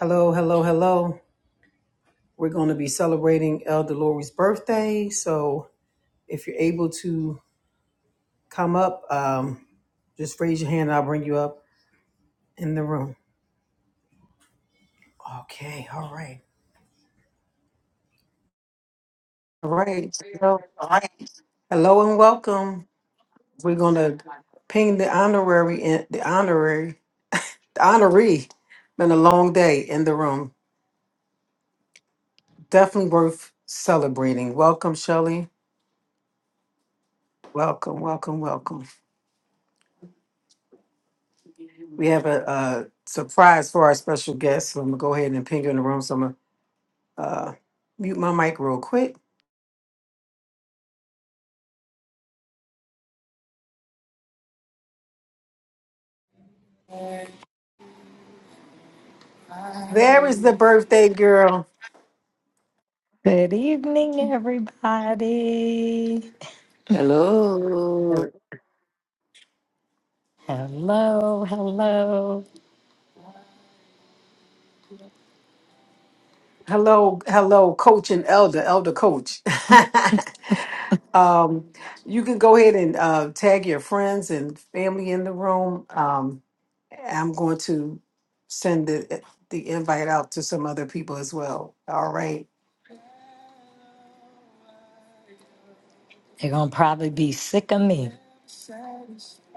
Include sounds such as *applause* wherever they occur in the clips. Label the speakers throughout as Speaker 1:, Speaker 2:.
Speaker 1: Hello, hello, hello. We're going to be celebrating Elder Lori's birthday. So if you're able to come up, um, just raise your hand and I'll bring you up in the room. Okay, all right. All right. Hello, hello and welcome. We're going to ping the honorary, in, the honorary, the honoree. Been a long day in the room. Definitely worth celebrating. Welcome, Shelley. Welcome, welcome, welcome. We have a, uh surprise for our special guest. So I'm gonna go ahead and ping her in the room. So I'm gonna uh, mute my mic real quick. There is the birthday girl.
Speaker 2: Good evening, everybody.
Speaker 3: Hello.
Speaker 2: Hello, hello.
Speaker 1: Hello, hello, coach and elder, elder coach. *laughs* um, you can go ahead and uh, tag your friends and family in the room. Um, I'm going to send the the invite out to some other people as well. All right.
Speaker 2: They're going to probably be sick of me.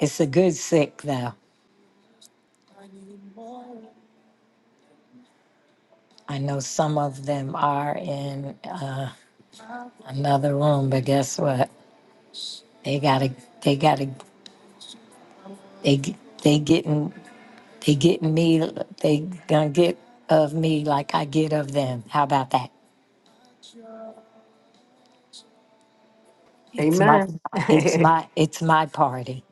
Speaker 2: It's a good sick, though. I know some of them are in uh, another room, but guess what? They got to, they got to, they, g- they getting, they getting me, they going to get of me like I get of them. How about that? It's my,
Speaker 1: Amen.
Speaker 2: it's
Speaker 1: *laughs*
Speaker 2: my, it's my party.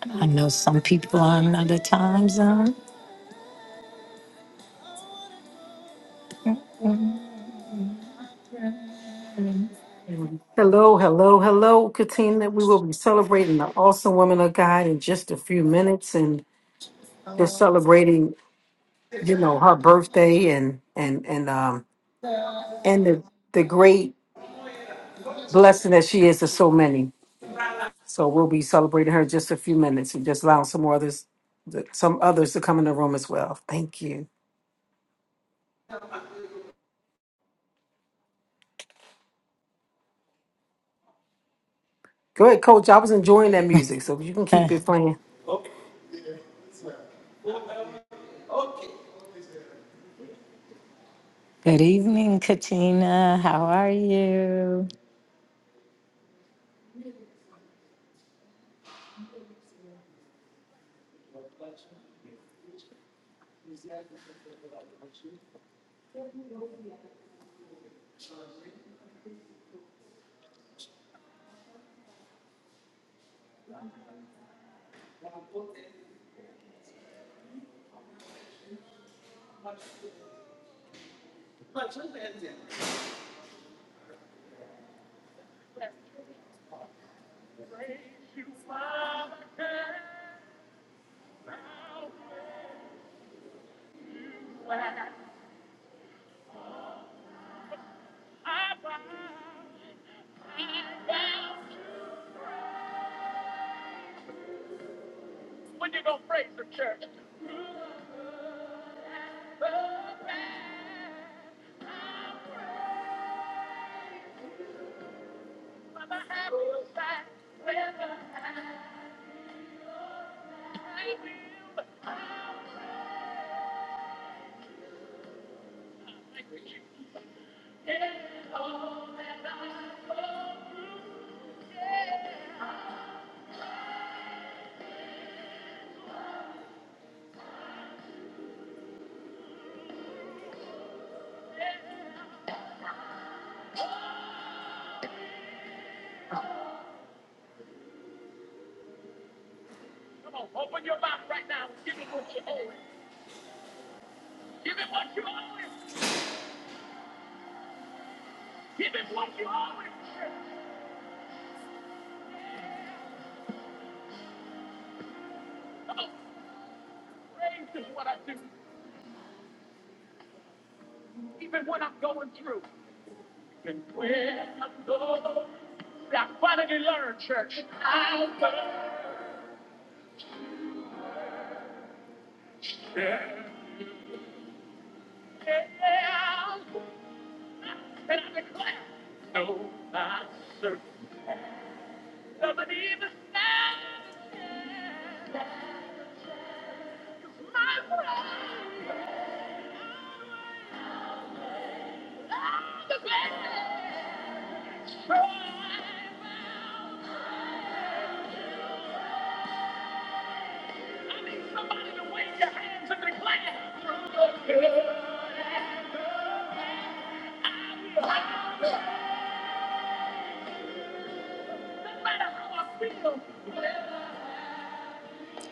Speaker 2: I know some people are in another time zone.
Speaker 1: Mhm. Hello, hello, hello, Katina. We will be celebrating the awesome woman of God in just a few minutes, and just celebrating, you know, her birthday and and and um and the the great blessing that she is to so many. So we'll be celebrating her in just a few minutes, and just allowing some more others, some others to come in the room as well. Thank you. Go ahead, Coach. I was enjoying that music, so you can
Speaker 2: *laughs*
Speaker 1: keep it playing.
Speaker 2: Good evening, Katina. How are you?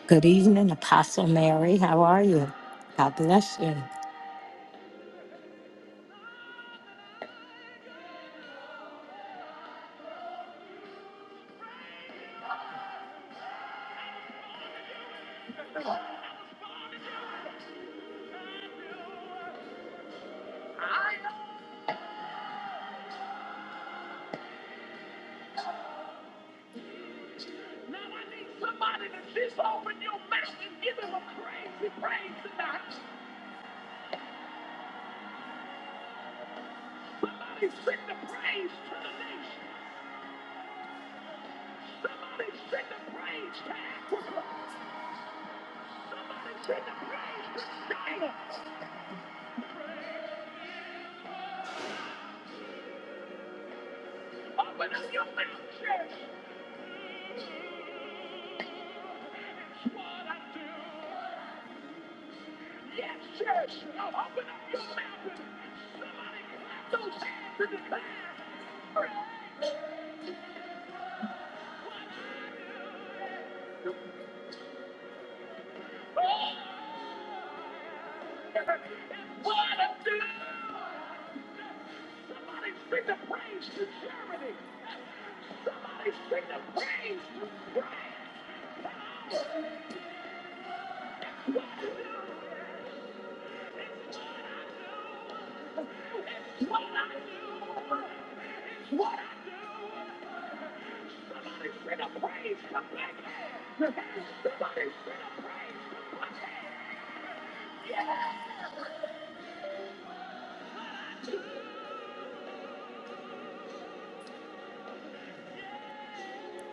Speaker 2: Good evening, Apostle Mary. How are you? God bless you.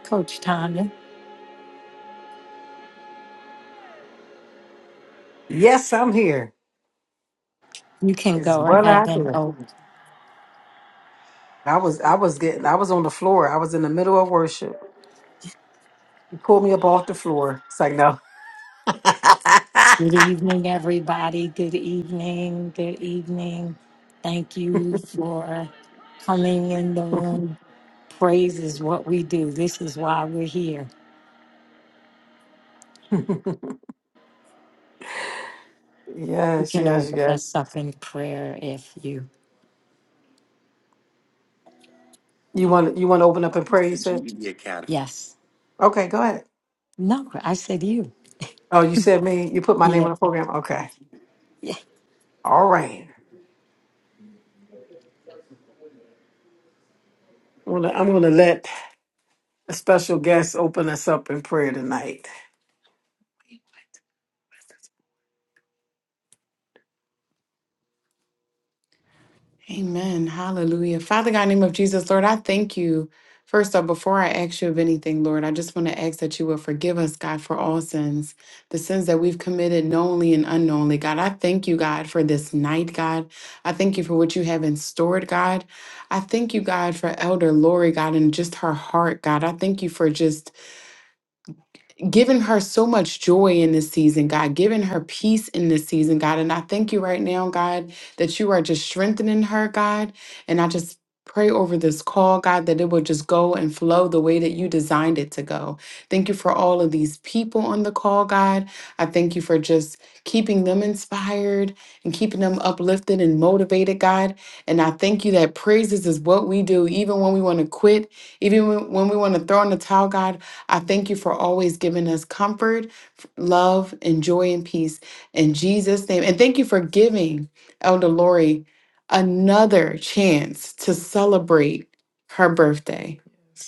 Speaker 2: Coach Tanya,
Speaker 1: Yes, I'm here.
Speaker 2: you can
Speaker 1: It's
Speaker 2: go
Speaker 1: what
Speaker 2: ahead
Speaker 1: I
Speaker 2: and
Speaker 1: do.
Speaker 2: open.
Speaker 1: I was I was getting I was on the floor. I was in the middle of worship. You pulled me up off the floor. It's like no. *laughs*
Speaker 2: Good evening, everybody. Good evening. Good evening. Thank you for coming in the room. Praise is what we do. This is why we're here. You
Speaker 1: yes,
Speaker 2: can
Speaker 1: yes,
Speaker 2: open us
Speaker 1: yes.
Speaker 2: up in prayer if you.
Speaker 1: You want you want to open up and pray? You said
Speaker 2: Yes.
Speaker 1: okay. Go ahead.
Speaker 2: No, I said you.
Speaker 1: Oh, you said me. You put my name
Speaker 2: Yeah.
Speaker 1: on the program. Okay.
Speaker 2: *laughs*
Speaker 1: All right. I'm gonna, I'm gonna let a special guest open us up in prayer tonight. Amen. Hallelujah. Father God, in the name of Jesus, Lord, I thank you. First off, before I ask you of anything, Lord, I just want to ask that you will forgive us, God, for all sins, the sins that we've committed knowingly and unknowingly. God, I thank you, God, for this night, God. I thank you for what you have in store, God. I thank you, God, for Elder Lori, God, and just her heart, God. I thank you for just giving her so much joy in this season, God, giving her peace in this season, God. And I thank you right now, God, that you are just strengthening her, God. And I just pray over this call, God, that it will just go and flow the way that you designed it to go. Thank you for all of these people on the call, God. I thank you for just keeping them inspired and keeping them uplifted and motivated, God. And I thank you that praises is what we do, even when we want to quit, even when when we want to throw in the towel, God. I thank you for always giving us comfort, f- love, and joy and peace in Jesus' name. And thank you for giving Elder Lori another chance to celebrate her birthday.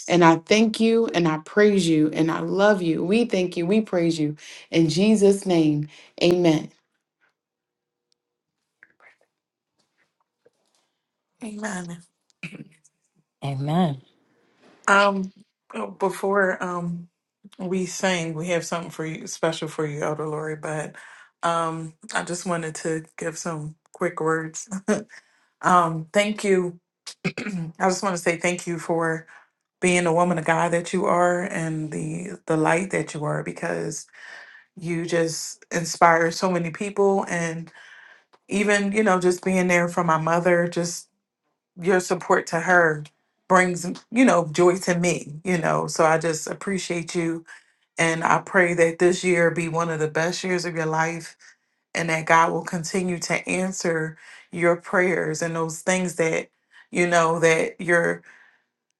Speaker 1: And I thank you and I praise you and I love you. We thank you. We praise you. In Jesus' name, amen. Amen.
Speaker 2: Amen.
Speaker 1: Um, oh, before um we sing, we have something for you special for you, Elder Lori. But um, I just wanted to give some quick words. Um, thank you. *clears throat* I just want to say thank you for being the woman of God that you are and the the light that you are because you just inspire so many people and even you know just being there for my mother just your support to her brings you know joy to me you know so i just appreciate you and i pray that this year be one of the best years of your life and that god will continue to answer your prayers and those things that you know that you're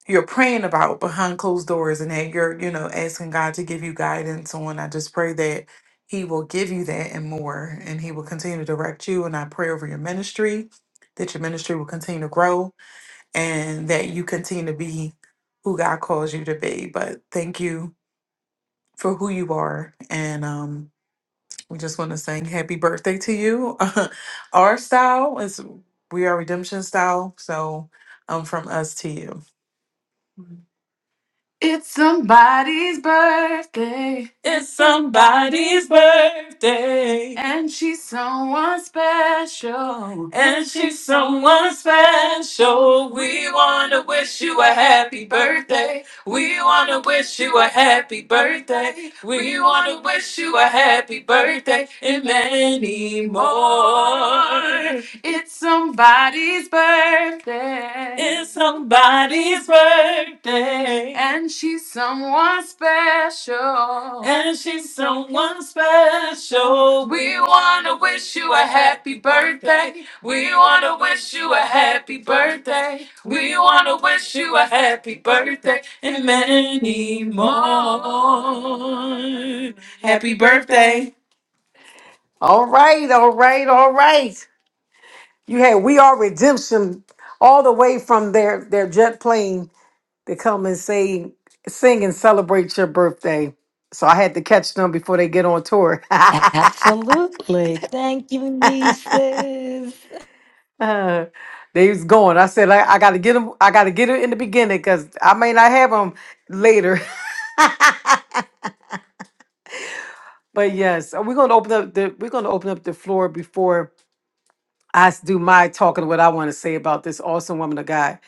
Speaker 1: you're praying about behind closed doors and that you're you know asking god to give you guidance on i just pray that he will give you that and more and he will continue to direct you and i pray over your ministry that your ministry will continue to grow and that you continue to be who God calls you to be. But thank you for who you are. And um, we just want to sing happy birthday to you. *laughs* Our style is we are redemption style. So um, from us to you. It's somebody's birthday. It's somebody's birthday. And she's someone special. And she's someone special. We, we want to birthday more. We wish you a happy birthday. We wanna wish you a happy birthday. We wanna wish you a happy birthday and many more. Happy birthday. All right, all right, all right. You had We Are Redemption all the way from their their jet plane to come and say, sing and celebrate your birthday. So I had to catch them before they get on tour. *laughs*
Speaker 2: Absolutely. Thank you, nieces.
Speaker 1: Uh, they was going. I said, I, I gotta get them. I gotta get it in the beginning because I may not have them later. *laughs* but yes, uh, we're gonna open up the we're gonna open up the floor before I s- do my talking. What I want to say about this awesome woman of God.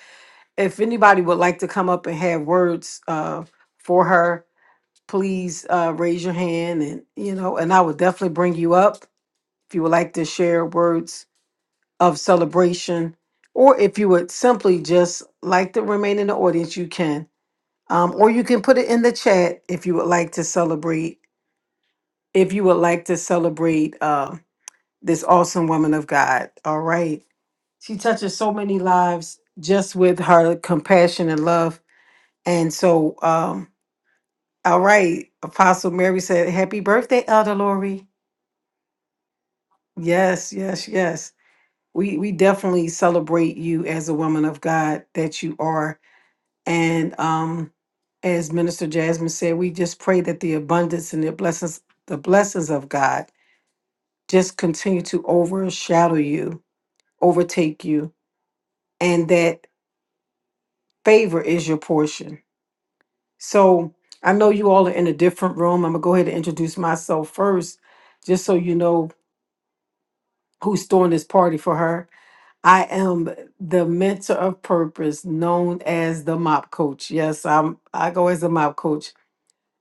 Speaker 1: If anybody would like to come up and have words uh, for her, please uh, raise your hand, and you know, and I will definitely bring you up if you would like to share words of celebration, or if you would simply just like to remain in the audience, you can. Um, or you can put it in the chat if you would like to celebrate, if you would like to celebrate uh, this awesome woman of God. All right. She touches so many lives just with her compassion and love. And so, um, all right, Apostle Mary said, Happy birthday, Elder Lori. Yes, yes, yes. We we definitely celebrate you as a woman of God that you are. And um, as Minister Jasmine said, we just pray that the abundance and the blessings, the blessings of God just continue to overshadow you, overtake you, and that favor is your portion. So I know you all are in a different room. I'm gonna go ahead and introduce myself first, just so you know who's throwing this party for her. I am the mentor of purpose, known as the mop coach. Yes, I'm I go as a mop coach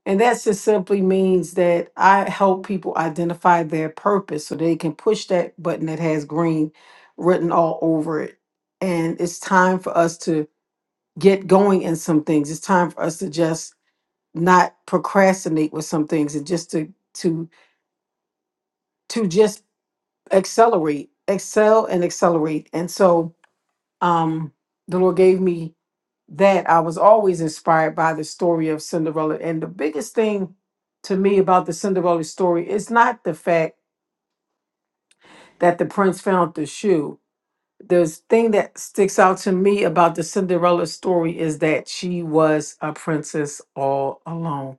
Speaker 1: And that just simply means that I help people identify their purpose so they can push that button that has green written all over it. And it's time for us to get going in some things. It's time for us to just not procrastinate with some things and just to to to just accelerate, excel and accelerate. And so um the Lord gave me that I was always inspired by the story of Cinderella. And the biggest thing to me about the Cinderella story is not the fact that the prince found the shoe. The thing that sticks out to me about the Cinderella story is that she was a princess all alone.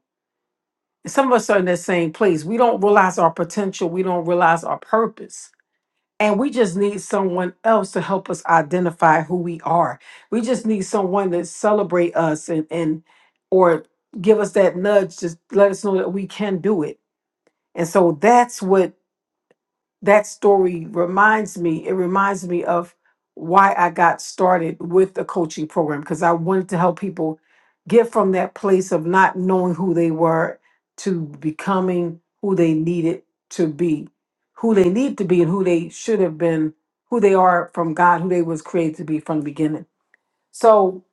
Speaker 1: And Some of us are in that same place. We don't realize our potential, we don't realize our purpose And we just need someone else to help us identify who we are. We just need someone to celebrate us and, and or give us that nudge to let us know that we can do it. And so that's what that story reminds me it reminds me of why i got started with the coaching program because i wanted to help people get from that place of not knowing who they were to becoming who they needed to be who they need to be and who they should have been who they are from god who they was created to be from the beginning so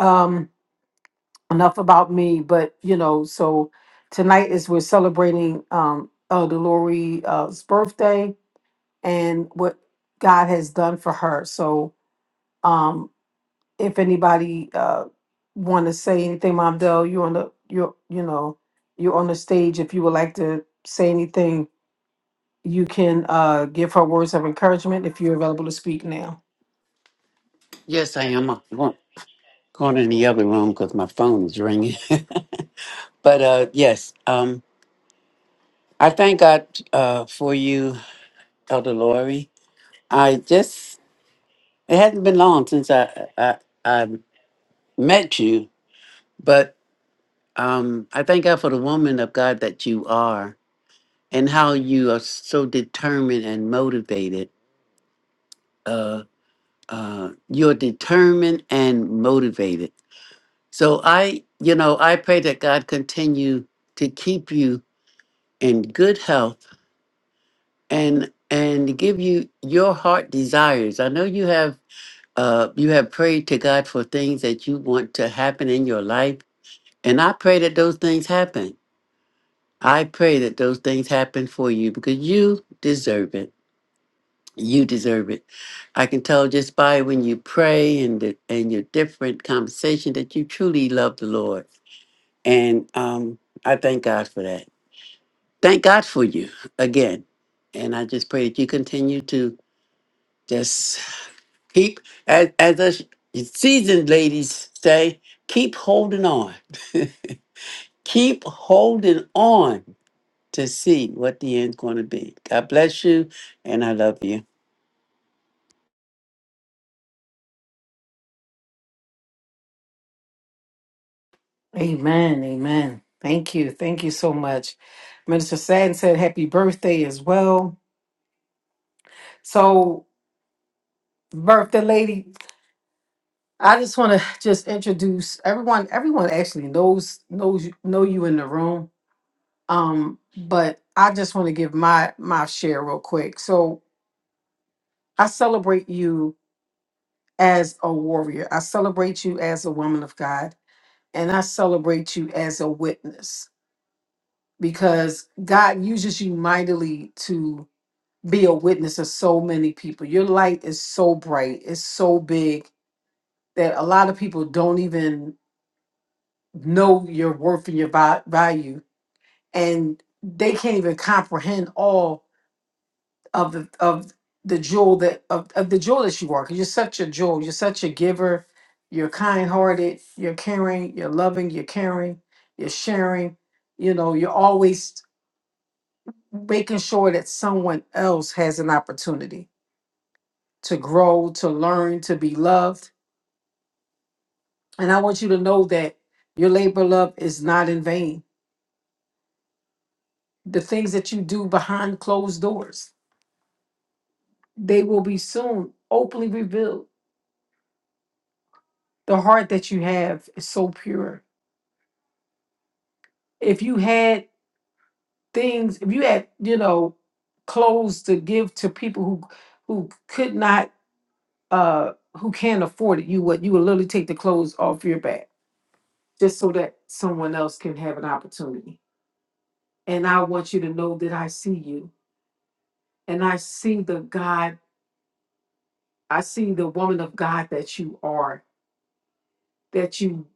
Speaker 1: um enough about me but you know so tonight is we're celebrating um elder lori's uh, birthday and what God has done for her. So, um, if anybody uh want to say anything, Mom Dell, you on the you you know you're on the stage. If you would like to say anything, you can uh give her words of encouragement if you're available to speak now.
Speaker 3: Yes, I am. I'm going, going in the other room because my phone is ringing. *laughs* but uh, yes, um, I thank God uh, for you, Elder Lori. I just, it hasn't been long since I, I, I met you, but um, I thank God for the woman of God that you are and how you are so determined and motivated. Uh, uh, you're determined and motivated So I, you know, I pray that God continue to keep you in good health and and give you your heart desires. I know you have uh you have prayed to God for things that you want to happen in your life, and I pray that those things happen. I pray that those things happen for you because you deserve it. You deserve it. I can tell just by when you pray and the, and your different conversation that you truly love the Lord. And um I thank God for that. Thank God for you again. And I just pray that you continue to just keep, as, as us seasoned ladies say, keep holding on. *laughs* keep holding on to see what the end's going to be. God bless you, and I love you.
Speaker 1: Amen. Amen. Thank you. Thank you so much. Minister Sadden said happy birthday as well. So, birthday lady, I just want to just introduce everyone. Everyone actually knows knows you- know you in the room. Um, but I just want to give my my share real quick. So I celebrate you as a warrior. I celebrate you as a woman of God, and I celebrate you as a witness because God uses you mightily to be a witness of so many people. Your light is so bright, it's so big that a lot of people don't even know your worth and your va- value, and they can't even comprehend all of the of the jewel that of, of the jewel that you are, because you are. 'cause you're such a jewel. You're such a giver. You're kind-hearted. You're caring. You're loving. You're caring. You're sharing. You know. You're always making sure that someone else has an opportunity to grow, to learn, to be loved. And I want you to know that your labor of love is not in vain. The things that you do behind closed doors, they will be soon openly revealed. The heart that you have is so pure if you had things if you had you know clothes to give to people who who could not uh who can't afford it you would you would literally take the clothes off your back just so that someone else can have an opportunity and i want you to know that i see you and i see the god i see the woman of god that you are that you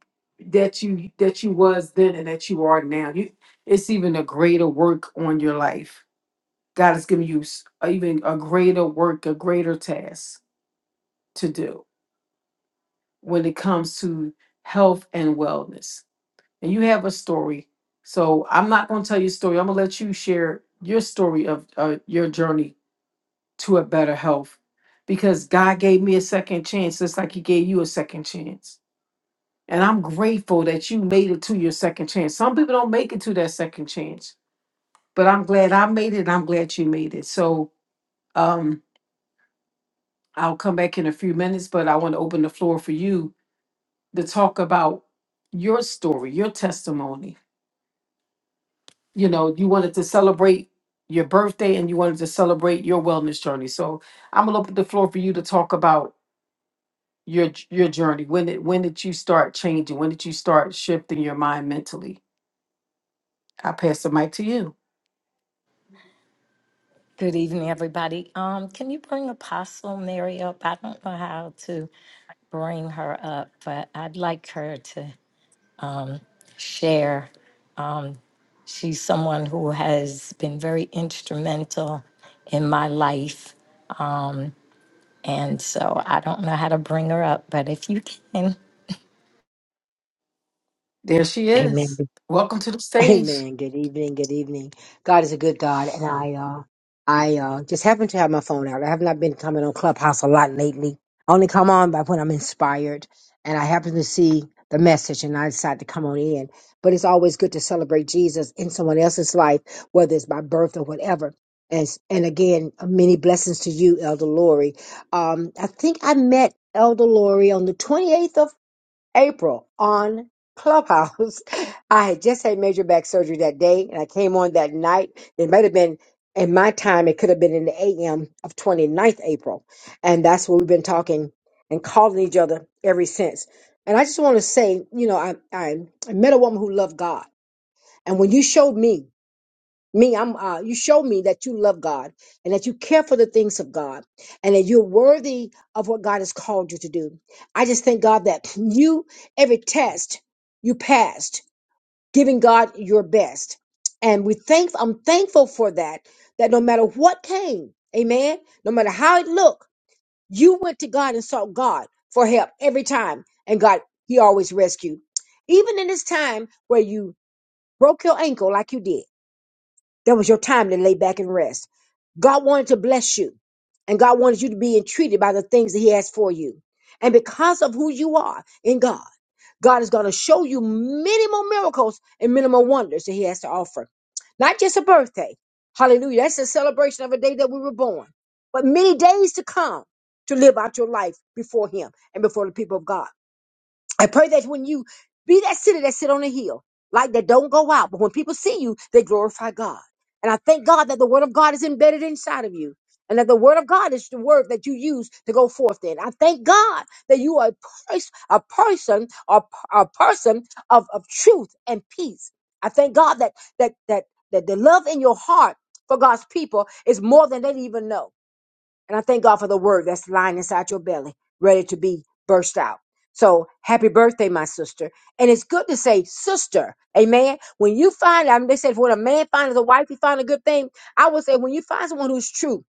Speaker 1: that you that you was then and that you are now you it's even a greater work on your life God has given you s- a- even a greater work, a greater task to do when it comes to health and wellness. And you have a story. So I'm not going to tell your story. I'm going to let you share your story of uh, your journey to a better health because God gave me a second chance, just like He gave you a second chance. And I'm grateful that you made it to your second chance. Some people don't make it to that second chance, but I'm glad I made it. and I'm glad you made it. So, um, I'll come back in a few minutes, but I want to open the floor for you to talk about your story, your testimony. You know, you wanted to celebrate your birthday and you wanted to celebrate your wellness journey. So I'm gonna open the floor for you to talk about your j- your journey. When did when did you start changing? When did you start shifting your mind mentally? I pass the mic to you.
Speaker 2: Good evening, everybody. Um, can you bring Apostle Mary up? I don't know how to bring her up, but I'd like her to um, share. Um, she's someone who has been very instrumental in my life. Um, and so I don't know how to bring her up, but if you can.
Speaker 1: There she
Speaker 4: Amen.
Speaker 1: is. Welcome to the
Speaker 4: *laughs*
Speaker 1: stage.
Speaker 4: Amen. Good evening. Good evening. God is a good God, and I uh, I uh, just happen to have my phone out. I have not been coming on Clubhouse a lot lately. I only come on by when I'm inspired, and I happen to see the message, and I decide to come on in. But it's always good to celebrate Jesus in someone else's life, whether it's by birth or whatever. And s- and again, uh, many blessings to you, Elder Lori. Um, I think I met Elder Lori on the 28th of April on Clubhouse. *laughs* I had just had major back surgery that day, and I came on that night. It might have been in my time, it could have been in the AM of twenty ninth April. And that's what we've been talking and calling each other ever since. And I just want to say, you know, I, I I met a woman who loved God. And when you showed me me i'm uh, you show me that you love god and that you care for the things of god and that you're worthy of what god has called you to do i just thank god that *laughs* you every test you passed giving god your best and we thank i'm thankful for that that no matter what came amen no matter how it looked you went to god and sought god for help every time and god he always rescued even in this time where you broke your ankle like you did that was your time to lay back and rest. God wanted to bless you, and God wanted you to be entreated by the things that He has for you. And because of who you are in God, God is going to show you many more miracles and many more wonders that He has to offer. Not just a birthday. Hallelujah. That's a celebration of a day that we were born, but many days to come to live out your life before Him and before the people of God. I pray that when you be that city that sit on a hill, like that don't go out, but when people see you, they glorify God. And I thank God that the word of God is embedded inside of you. And that the word of God is the word that you use to go forth in. I thank God that you are a, pers- a person, a, a person of, of truth and peace. I thank God that, that, that, that the love in your heart for God's people is more than they even know. And I thank God for the word that's lying inside your belly, ready to be burst out. So happy birthday, my sister. And it's good to say sister. Amen. When you find, I mean, they said, when a man finds a wife, he finds a good thing. I would say, when you find someone who's true,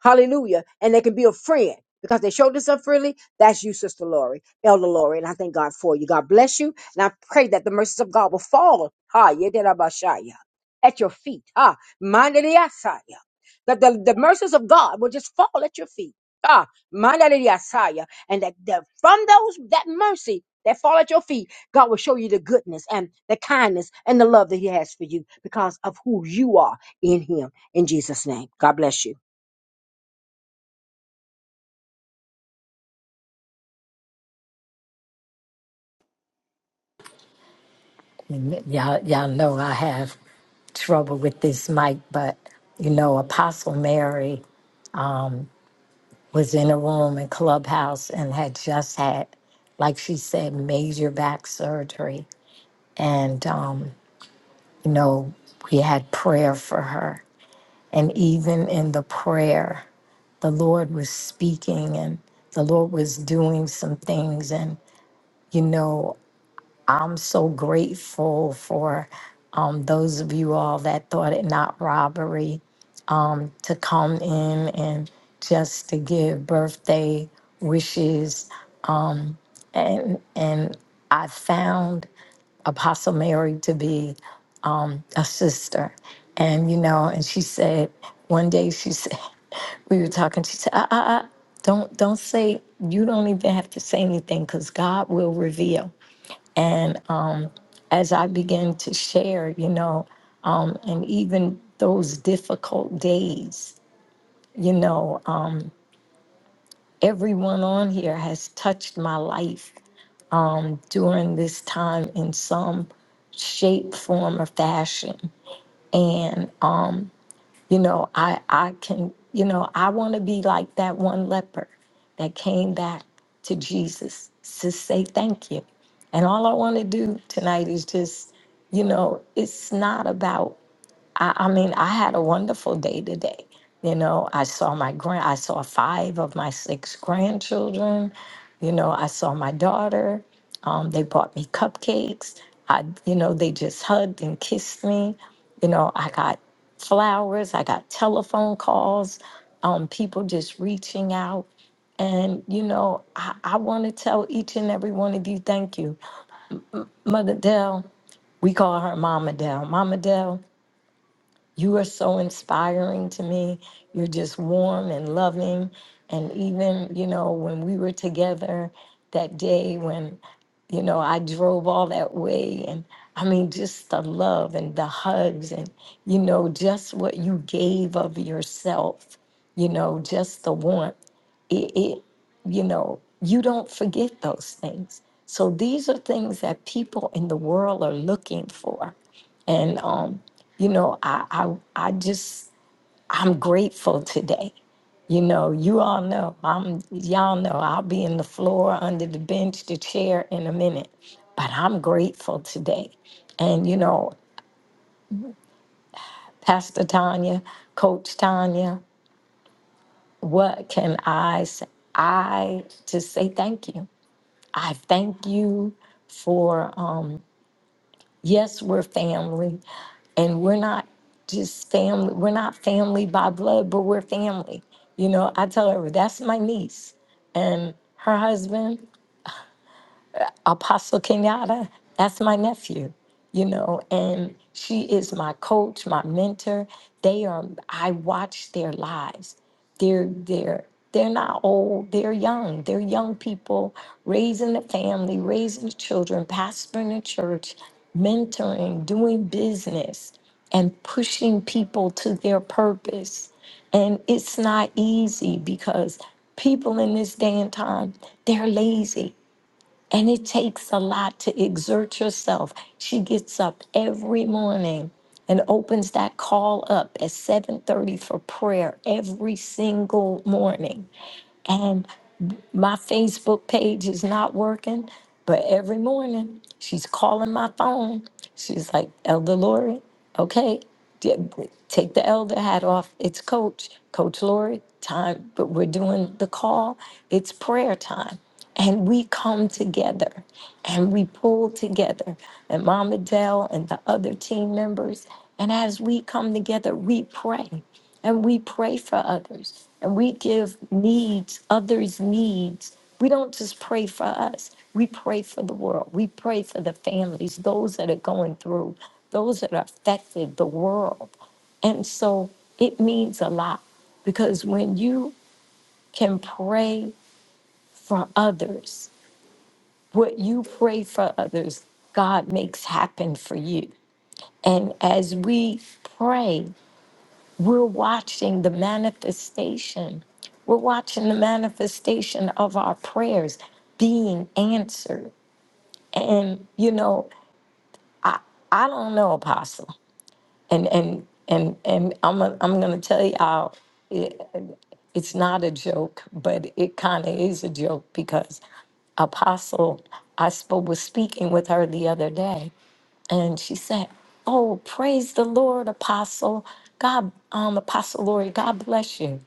Speaker 4: Hallelujah. And they can be a friend because they showed this up freely. That's you, Sister Lori, Elder Lori. And I thank God for you. God bless you. And I pray that the mercies of God will fall. Ha, yedirabashaya, at your feet. Ha, mandiriasaya. That the, the mercies of God will just fall at your feet. Ah, mandiriasaya. And that, that from those, that mercy that fall at your feet, God will show you the goodness and the kindness and the love that He has for you because of who you are in Him. In Jesus' name. God bless you.
Speaker 2: And y'all, y'all know I have trouble with this mic, but you know, Apostle Mary um, was in a room in Clubhouse and had just had, like she said, major back surgery. And, um, you know, we had prayer for her. And even in the prayer, the Lord was speaking and the Lord was doing some things. And, you know, I'm so grateful for um, those of you all that thought it not robbery um, to come in and just to give birthday wishes. And, and I found Apostle Mary to be a sister. And, you know, and she said, one day she said, *laughs* we were talking, she said, uh, uh, uh, don't, don't say, you don't even have to say anything because God will reveal. And as I began to share, you know, um, and even those difficult days, you know, um, everyone on here has touched my life um, during this time in some shape, form, or fashion. And um, you know, I I can, you know, I want to be like that one leper that came back to Jesus to say thank you. And all I want to do tonight is just, you know, it's not about I, I mean, I had a wonderful day today. You know, I saw my grand, I saw five of my six grandchildren. You know, I saw my daughter. Um, they bought me cupcakes. I, you know, they just hugged and kissed me. You know, I got flowers. I got telephone calls. Um, people just reaching out. And, you know, I, I want to tell each and every one of you thank you. Mother Dell, we call her Mama Dell. Mama Dell, you are so inspiring to me. You're just warm and loving. And even, you know, when we were together that day when, you know, I drove all that way, and I mean, just the love and the hugs, and, you know, just what you gave of yourself, you know, just the warmth. It, it you know, you don't forget those things. So these are things that people in the world are looking for. And um, you know, I, I, I just, I'm grateful today. You know, you all know, I'm, y'all know, I'll be in the floor, under the bench, the chair in a minute, but I'm grateful today. And, you know, Pastor Tanya, Coach Tanya, what can I say? I just say thank you. I thank you for, um, Yes, we're family, and we're not just family. We're not family by blood, but we're family. You know, I tell her that's my niece and her husband. Apostle Kenyatta, that's my nephew, you know, and she is my coach, my mentor. They are, I watch their lives. They're, they're, they're not old, they're young. They're young people raising a family, raising the children, pastoring a church, mentoring, doing business, and pushing people to their purpose. And it's not easy because people in this day and time, they're lazy and it takes a lot to exert yourself. She gets up every morning and opens that call up at 7:30 for prayer every single morning. And my Facebook page is not working, but every morning she's calling my phone. She's like, "Elder Lori, okay, d- take the elder hat off. It's coach, Coach Lori time, but we're doing the call. It's prayer time." and we come together and we pull together and mama dell and the other team members and as we come together we pray and we pray for others and we give needs others needs we don't just pray for us we pray for the world we pray for the families those that are going through those that are affected the world and so it means a lot because when you can pray for others what you pray for others, God makes happen for you. And as we pray, we're watching the manifestation. We're watching the manifestation of our prayers being answered. And you know, I don't know, Apostle. And and and and I'm i I'm gonna tell y'all, it, it's not a joke, but it kind of is a joke because Apostle, I spoke was speaking with her the other day, and she said, "Oh, praise the Lord, Apostle God, um, Apostle Lori, God bless you."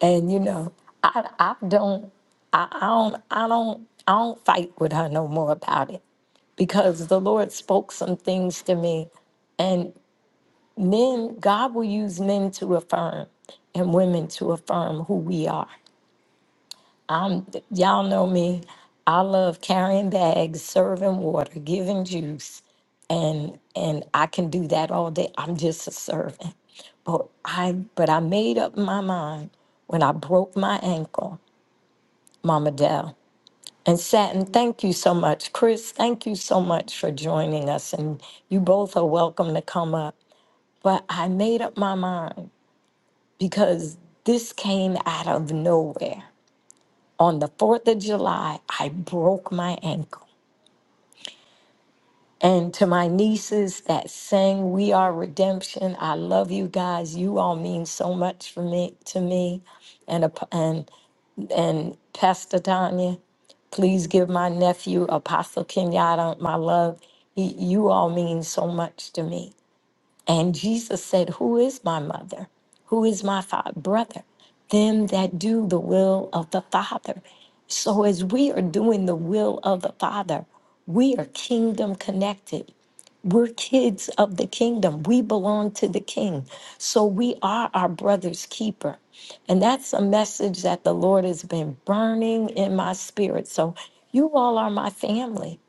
Speaker 2: And you know, I I don't, I, I don't, I don't, I don't fight with her no more about it because the Lord spoke some things to me, and men, God will use men to affirm and women to affirm who we are. I'm y'all know me. I love carrying bags, serving water, giving juice, and and I can do that all day. I'm just a servant. But I but I made up my mind when I broke my ankle, Mama Dell. And Satin, thank you so much. Chris, thank you so much for joining us. And you both are welcome to come up. But I made up my mind because this came out of nowhere. On the 4th of July, I broke my ankle. And to my nieces that sang We Are Redemption, I love you guys. You all mean so much for me to me. And ap- and and Pastor Tanya, please give my nephew Apostle Kenyatta my love. He, you all mean so much to me. And Jesus said, Who is my mother? Who is my father? brother? Them that do the will of the Father. So as we are doing the will of the Father, we are kingdom connected. We're kids of the kingdom. We belong to the king. So we are our brother's keeper. And that's a message that the Lord has been burning in my spirit. So you all are my family,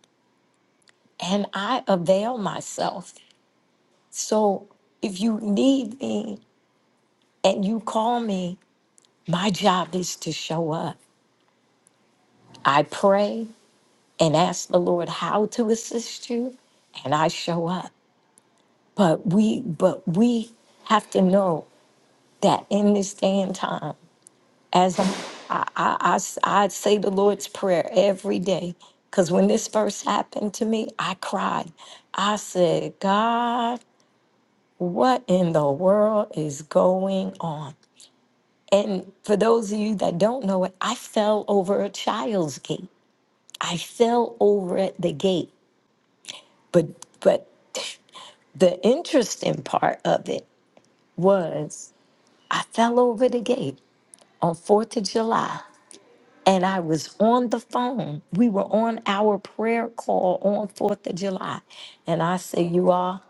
Speaker 2: and I avail myself. So if you need me and you call me, my job is to show up. I pray and ask the Lord how to assist you, and I show up. But we, but we have to know that in this day and time, as I'm, I, I, I, s- I say the Lord's Prayer every day, because when this first happened to me, I cried. I said, God, what in the world is going on? And for those of you that don't know it, I fell over a child's gate. I fell over at the gate. But, but the interesting part of it was I fell over the gate on 4th of July and I was on the phone. We were on our prayer call on 4th of July. And I said, You all,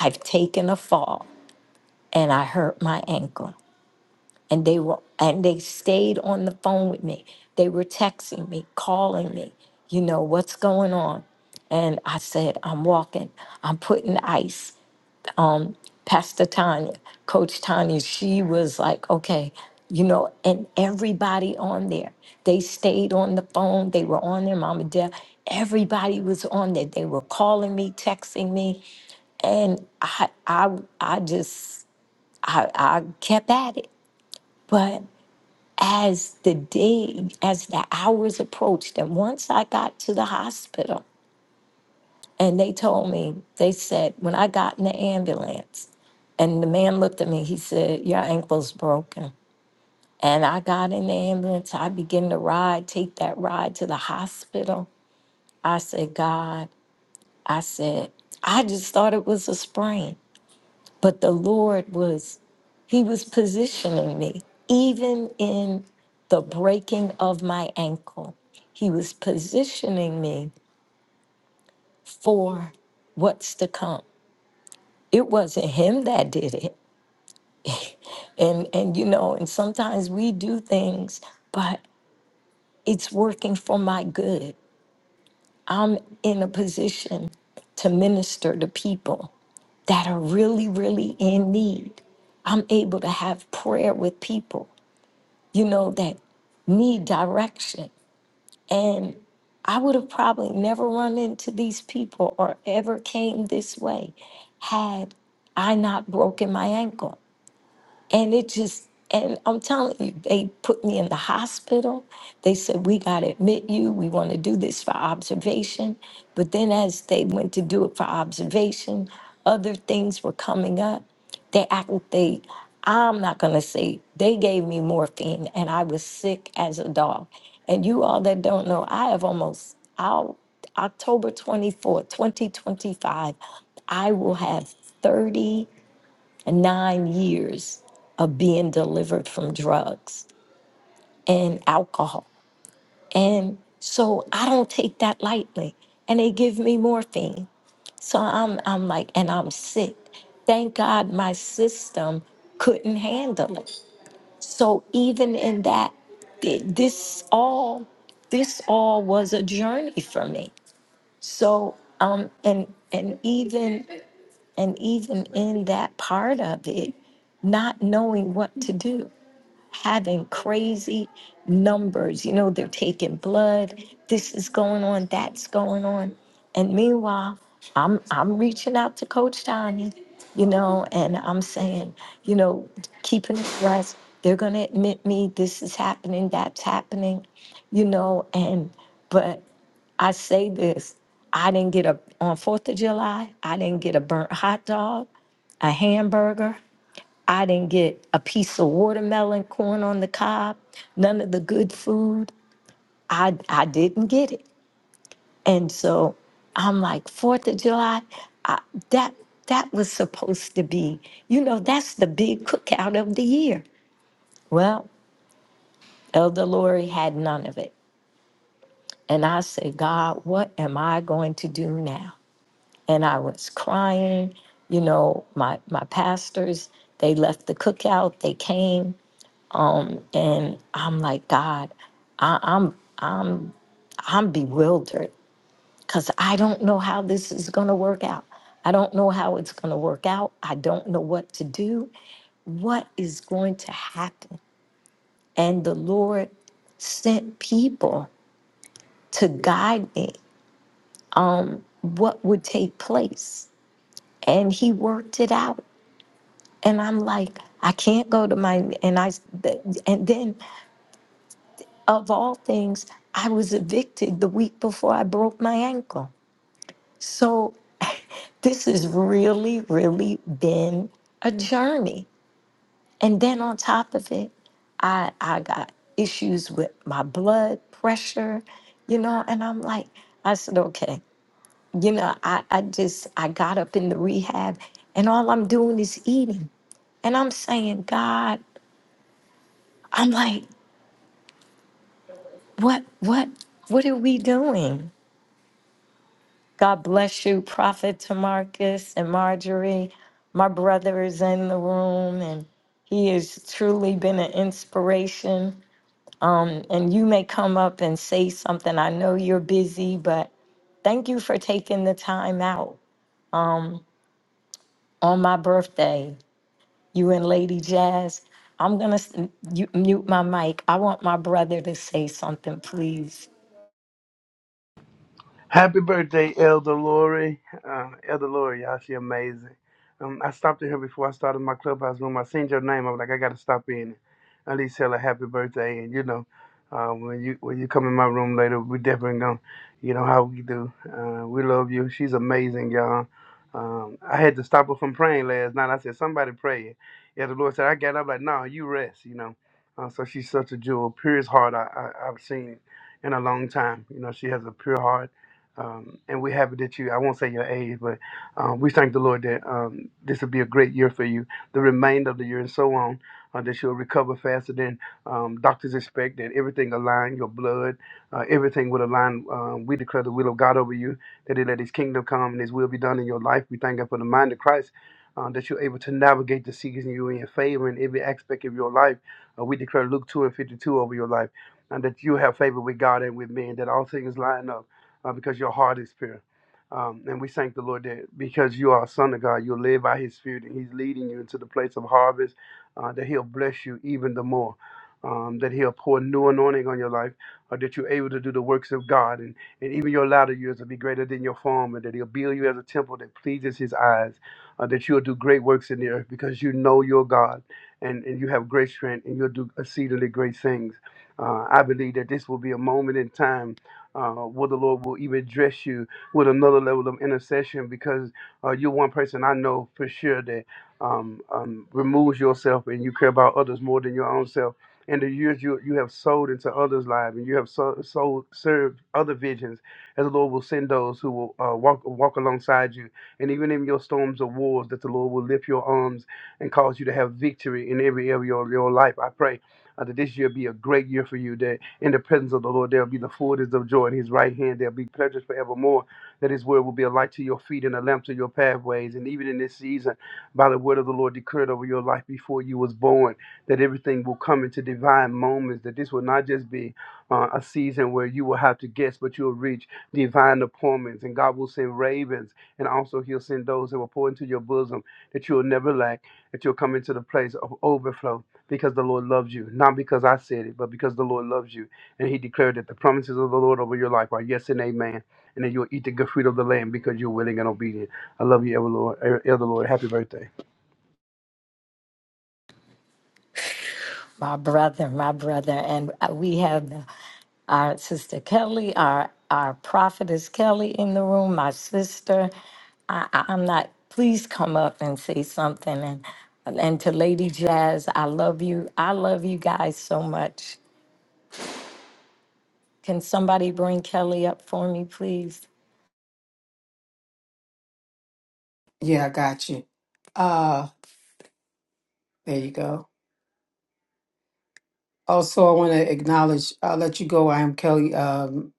Speaker 2: I've taken a fall and I hurt my ankle. And they were and they stayed on the phone with me. They were texting me, calling me, you know, what's going on? And I said, I'm walking, I'm putting ice. Pastor Tanya, Coach Tanya, she was like, okay, you know, and everybody on there, they stayed on the phone, they were on there, Mama and Everybody was on there. They were calling me, texting me, and I, I, I just, I, I kept at it. But as the day, as the hours approached, and once I got to the hospital, and they told me, they said, when I got in the ambulance, And the man looked at me. He said, Your ankle's broken. And I got in the ambulance. I began to ride, take that ride to the hospital. I said, God, I said, I just thought it was a sprain. But the Lord was, He was positioning me, even in the breaking of my ankle. He was positioning me for what's to come. It wasn't him that did it. And and you know, and sometimes we do things, but it's working for my good. I'm in a position to minister to people that are really, really in need. I'm able to have prayer with people, you know, that need direction. And I would have probably never run into these people or ever came this way had I not broken my ankle. And it just, and I'm telling you, they put me in the hospital. They said, We got to admit you. We want to do this for observation. But then, as they went to do it for observation, other things were coming up. They act, they, I'm not going to say, they gave me morphine and I was sick as a dog. And you all that don't know, I have almost, I'll, October twenty-fourth, twenty fourth, 2025, I will have 30 nine years of being delivered from drugs and alcohol. And so I don't take that lightly. And they give me morphine. So I'm I'm like, and I'm sick. Thank God my system couldn't handle it. So even in that, th- this all this all was a journey for me. So um and and even and even in that part of it, not knowing what to do. having crazy numbers. You know, they're taking blood. This is going on. That's going on. And meanwhile, I'm I'm reaching out to Coach Donnie, you know, and I'm saying, you know, keeping it fresh. They're gonna admit me. This is happening. That's happening, you know. And but I say this. I didn't get a on Fourth of July. I didn't get a burnt hot dog, a hamburger. I didn't get a piece of watermelon, corn on the cob, none of the good food. I I didn't get it. And so I'm like, Fourth of July, I, that that was supposed to be, you know, that's the big cookout of the year. Well, Elder Lori had none of it. And I said, God, what am I going to do now? And I was crying. You know, my my pastors, they left the cookout, they came, Um, and I'm like, God, I, I'm I'm I'm bewildered because I don't know how this is gonna work out. I don't know how it's gonna work out. I don't know what to do. What is going to happen? And the Lord sent people to guide me on what would take place. And he worked it out. And I'm like, I can't go to my and I and then of all things, I was evicted the week before I broke my ankle. So *laughs* this has really, really been a journey. And then on top of it, I I got issues with my blood pressure, you know, and I'm like, I said, okay, you know, I, I just I got up in the rehab and all I'm doing is eating. And I'm saying, God, I'm like, what, what, what are we doing? God bless you, Prophet Tamarcus and Marjorie. My brother is in the room and he has truly been an inspiration. Um, and you may come up and say something. I know you're busy, but thank you for taking the time out on my birthday, you and Lady Jazz. I'm going to mute my mic. I want my brother to say something, please.
Speaker 5: Happy birthday, Elder Lori. Uh, Elder Lori, y'all, she amazing. Um, I stopped at her before I started my clubhouse room. I seen your name. I was like, I gotta stop in. At least tell her happy birthday. And you know, uh, when you when you come in my room later, we definitely gonna, you know how we do. Uh, we love you. She's amazing, y'all. Um, I had to stop her from praying last night. I said, somebody pray. Yeah, the Lord said, I got up like, no, you rest, you know. Uh, so she's such a jewel, purest heart I, I, I've seen in a long time. You know, she has a pure heart um, and we're happy that you, I won't say your age, but um, we thank the Lord that um, this will be a great year for you, the remainder of the year and so on, uh, that you'll recover faster than um, doctors expect, that everything align, your blood, uh, everything will align. Um, we declare the will of God over you, that he let his kingdom come and his will be done in your life. We thank God for the mind of Christ. Uh, that you're able to navigate the season you in your favor in every aspect of your life. Uh, we declare Luke 2 and 52 over your life, and that you have favor with God and with men, that all things line up uh, because your heart is pure. Um, and we thank the Lord that because you are a son of God, you'll live by his spirit and he's leading you into the place of harvest, uh, that he'll bless you even the more. Um, that he'll pour new anointing on your life, or that you're able to do the works of God, and, and even your latter years will be greater than your former, that he'll build you as a temple that pleases his eyes, uh, that you'll do great works in the earth because you know your God and, and you have great strength and you'll do exceedingly great things. Uh, I believe that this will be a moment in time uh, where the Lord will even dress you with another level of intercession because uh, you're one person I know for sure that um, um, removes yourself and you care about others more than your own self. And the years you, you have sowed into others' lives and you have so, sold, served other visions, as the Lord will send those who will uh, walk walk alongside you. And even in your storms of wars, that the Lord will lift your arms and cause you to have victory in every area of your life. I pray uh, that this year be a great year for you, That in the presence of the Lord, there will be the fullness of joy. In his right hand, there will be pleasures forevermore. That his word will be a light to your feet and a lamp to your pathways. And even in this season, by the word of the Lord declared over your life before you was born, that everything will come into divine moments, that this will not just be uh, a season where you will have to guess, but you'll reach divine appointments. And God will send ravens, and also he'll send those that will pour into your bosom, that you will never lack, that you'll come into the place of overflow because the Lord loves you. Not because I said it, but because the Lord loves you. And he declared that the promises of the Lord over your life are yes and amen. And that you'll eat the good fruit of the land because you're willing and obedient. I love you, ever Lord, Elder Lord. Happy birthday.
Speaker 2: my brother, my brother, and uh, we have our sister Kelly, our our prophetess Kelly in the room, my sister. I, I- I'm not. Please come up and say something, and and to Lady Jazz, I love you. I love you guys so much. Can somebody bring Kelly up for me, please?
Speaker 1: Yeah, I got you. Uh, there you go. Also, I want to acknowledge. I'll let you go. I am Kelly. um,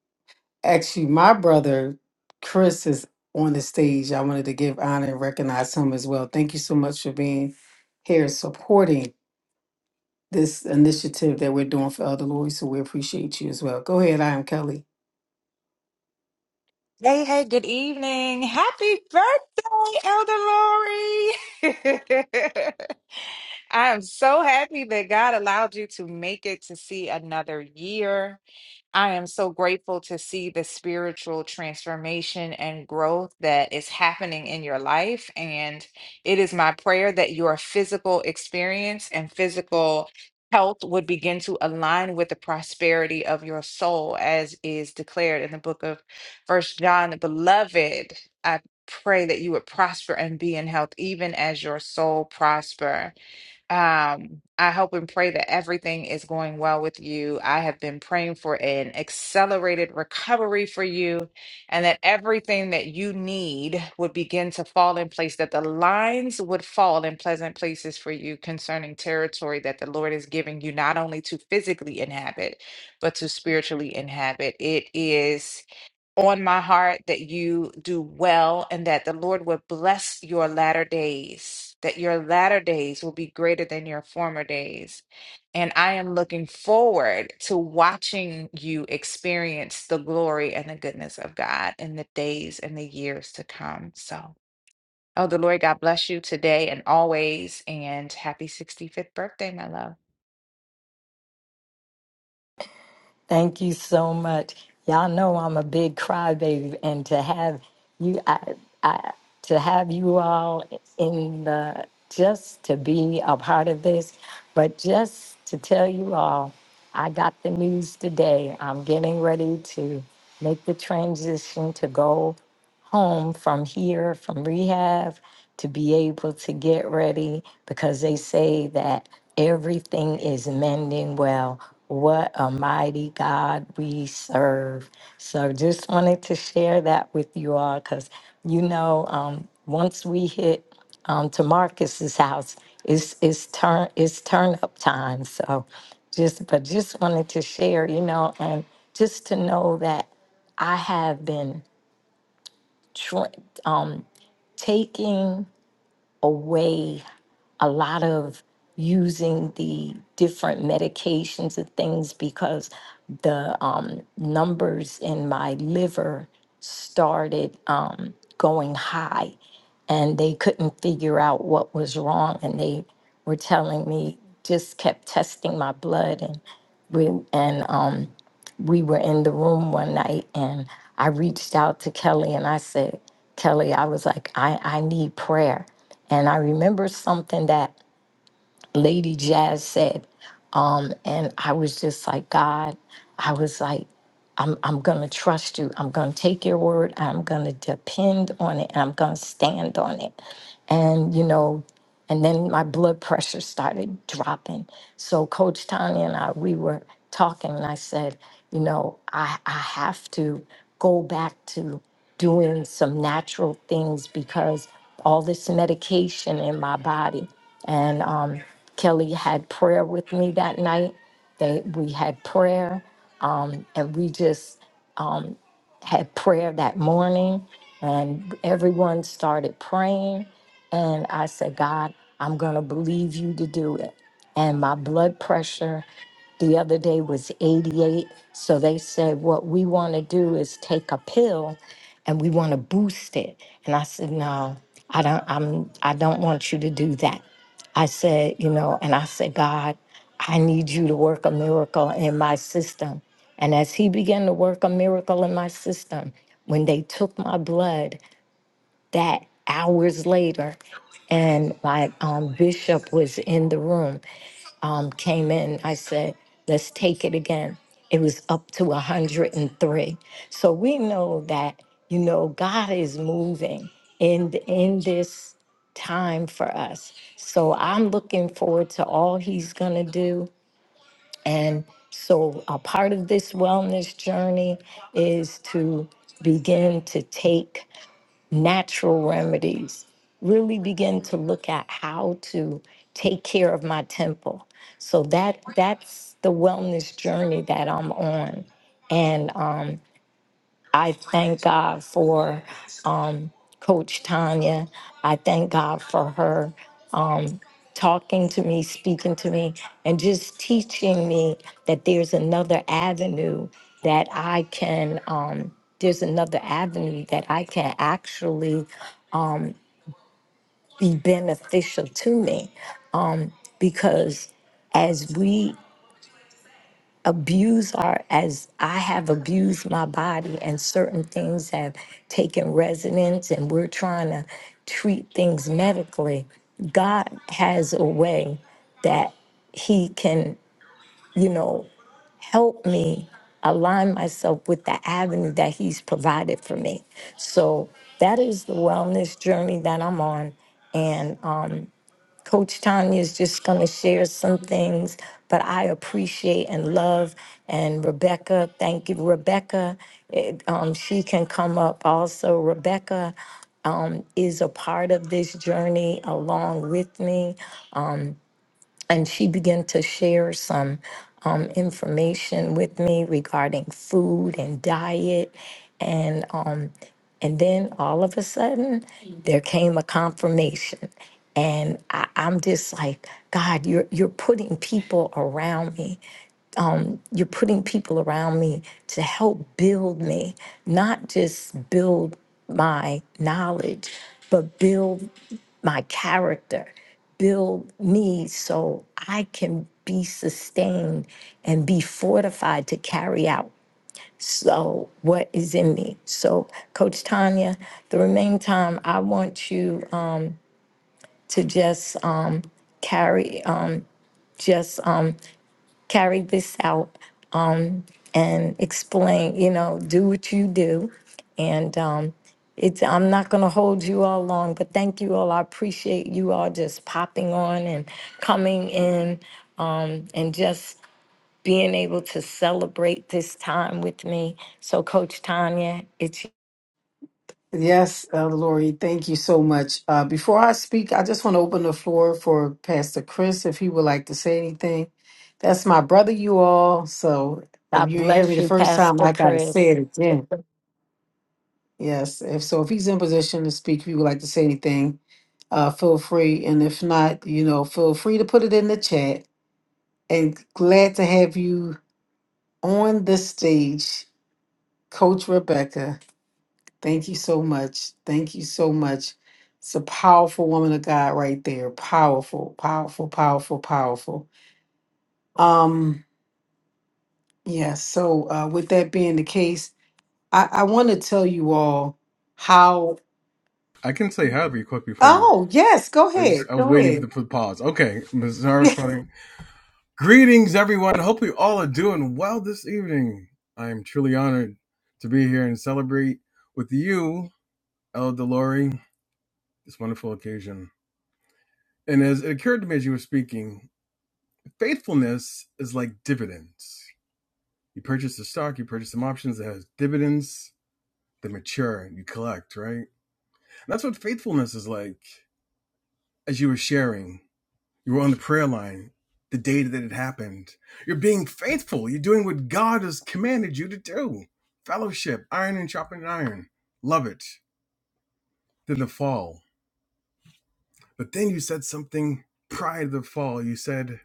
Speaker 1: Actually, my brother Chris is on the stage. I wanted to give honor and recognize him as well. Thank you so much for being here and supporting this initiative that we're doing for Elder Lori. So we appreciate you as well. Go ahead, I am Kelly.
Speaker 6: Hey, hey, good evening. Happy birthday, Elder Lori. *laughs* I am so happy that God allowed you to make it to see another year. I am so grateful to see the spiritual transformation and growth that is happening in your life. And it is my prayer that your physical experience and physical health would begin to align with the prosperity of your soul, as is declared in the book of First John. Beloved, I pray that you would prosper and be in health, even as your soul prosper. Um, I hope and pray that everything is going well with you. I have been praying for an accelerated recovery for you and that everything that you need would begin to fall in place, that the lines would fall in pleasant places for you concerning territory that the Lord is giving you, not only to physically inhabit, but to spiritually inhabit. It is on my heart that you do well and that the Lord will bless your latter days, that your latter days will be greater than your former days. And I am looking forward to watching you experience the glory and the goodness of God in the days and the years to come. So, oh, the Lord, God bless you today and always. And happy 65th birthday, my love.
Speaker 2: Thank you so much. Y'all know I'm a big crybaby, and to have you, I, I, to have you all in the just to be a part of this, but just to tell you all, I got the news today. I'm getting ready to make the transition to go home from here, from rehab, to be able to get ready because they say that everything is mending well. What a mighty God we serve. So just wanted to share that with you all because, you know, um, once we hit um, to Marcus's house, it's, it's, turn, it's turn up time. So just, but just wanted to share, you know, and just to know that I have been tra- um, taking away a lot of using the different medications and things because the um, numbers in my liver started um, going high and they couldn't figure out what was wrong and they were telling me just kept testing my blood and we- and um, we were in the room one night and I reached out to Kelly and I said, Kelly, I was like, I, I need prayer. And I remember something that Lady Jazz said. Um, and I was just like, God, I was like, I'm, I'm going to trust you. I'm going to take your word. I'm going to depend on it and I'm going to stand on it. And, you know, and then my blood pressure started dropping. So Coach Tanya and I, we were talking, and I said, you know, I I have to go back to doing some natural things because all this medication in my body. And um, Kelly had prayer with me that night. They we had prayer, um, and we just um, had prayer that morning and everyone started praying. And I said, God, I'm going to believe you to do it. And my blood pressure the other day was 88. So they said, What we want to do is take a pill and we want to boost it. And I said, No, I don't, I'm, I don't want you to do that. I said, you know, and I said, God, I need you to work a miracle in my system. And as he began to work a miracle in my system, when they took my blood, that hours later, and my um, bishop was in the room, um, came in. I said, let's take it again. It was up to 103. So we know that, you know, God is moving in, in this time for us. So I'm looking forward to all he's going to do. And so a part of this wellness journey is to begin to take natural remedies, really begin to look at how to take care of my temple. So that that's the wellness journey that I'm on. And um, I thank God for um, Coach Tanya. I thank God for her talking to me, speaking to me, and just teaching me that there's another avenue that I can, um, there's another avenue that I can actually be beneficial to me um, because as we abuse our as i have abused my body and certain things have taken resonance and we're trying to treat things medically god has a way that he can you know help me align myself with the avenue that he's provided for me so that is the wellness journey that i'm on and um, Coach Tanya is just going to share some things, but I appreciate and love. And Rebecca, thank you. Rebecca, it, um, she can come up also. Rebecca is a part of this journey along with me, and she began to share some um, information with me regarding food and diet. And um, and then all of a sudden, there came a confirmation. And I, I'm just like, God, you're you're putting people around me. You're putting people around me to help build me, not just build my knowledge, but build my character, build me so I can be sustained and be fortified to carry out so what is in me. So, Coach Tanya, the remaining time, I want you um, to just um, carry, um, just um, carry this out um, and explain. You know, do what you do, and um, it's. I'm not going to hold you all long, but thank you all. I appreciate you all just popping on and coming in, um, and just being able to celebrate this time with me. So, Coach Tanya, it's
Speaker 1: Yes, Elder Lori, thank you so much. Uh, before I speak, I just want to open the floor for Pastor Chris if he would like to say anything. That's my brother, you all. So if you
Speaker 2: God
Speaker 1: didn't hear me
Speaker 2: bless
Speaker 1: the
Speaker 2: you,
Speaker 1: first time,
Speaker 2: Pastor
Speaker 1: I got to say
Speaker 2: Chris.
Speaker 1: it again. Yes, if so, if he's in position to speak, if you would like to say anything, uh, feel free. And if not, you know, feel free to put it in the chat. And glad to have you on the stage, Coach Rebecca. Thank you so much. Thank you so much. It's a powerful woman of God right there. Powerful, powerful, powerful, powerful. Um, yeah, so uh with that being the case, I, I want to tell you all how
Speaker 7: I can say hi real quick before you.
Speaker 1: oh yes, go
Speaker 7: I just
Speaker 1: ahead.
Speaker 7: I was
Speaker 1: Go
Speaker 7: waiting for
Speaker 1: ahead.
Speaker 7: the, for the pause. Okay,
Speaker 1: *laughs*
Speaker 7: Missouri Party. Greetings, everyone. Hope you all are doing well this evening. I am truly honored to be here and celebrate with you, El Delori, this wonderful occasion. And as it occurred to me as you were speaking, faithfulness is like dividends. You purchase the stock, you purchase some options that has dividends that mature, you collect, right? And that's what faithfulness is like as you were sharing. You were on the prayer line the day that it happened. You're being faithful. You're doing what God has commanded you to do. Fellowship, iron and sharpening iron. Love it. Then the fall. But then you said something prior to the fall. You said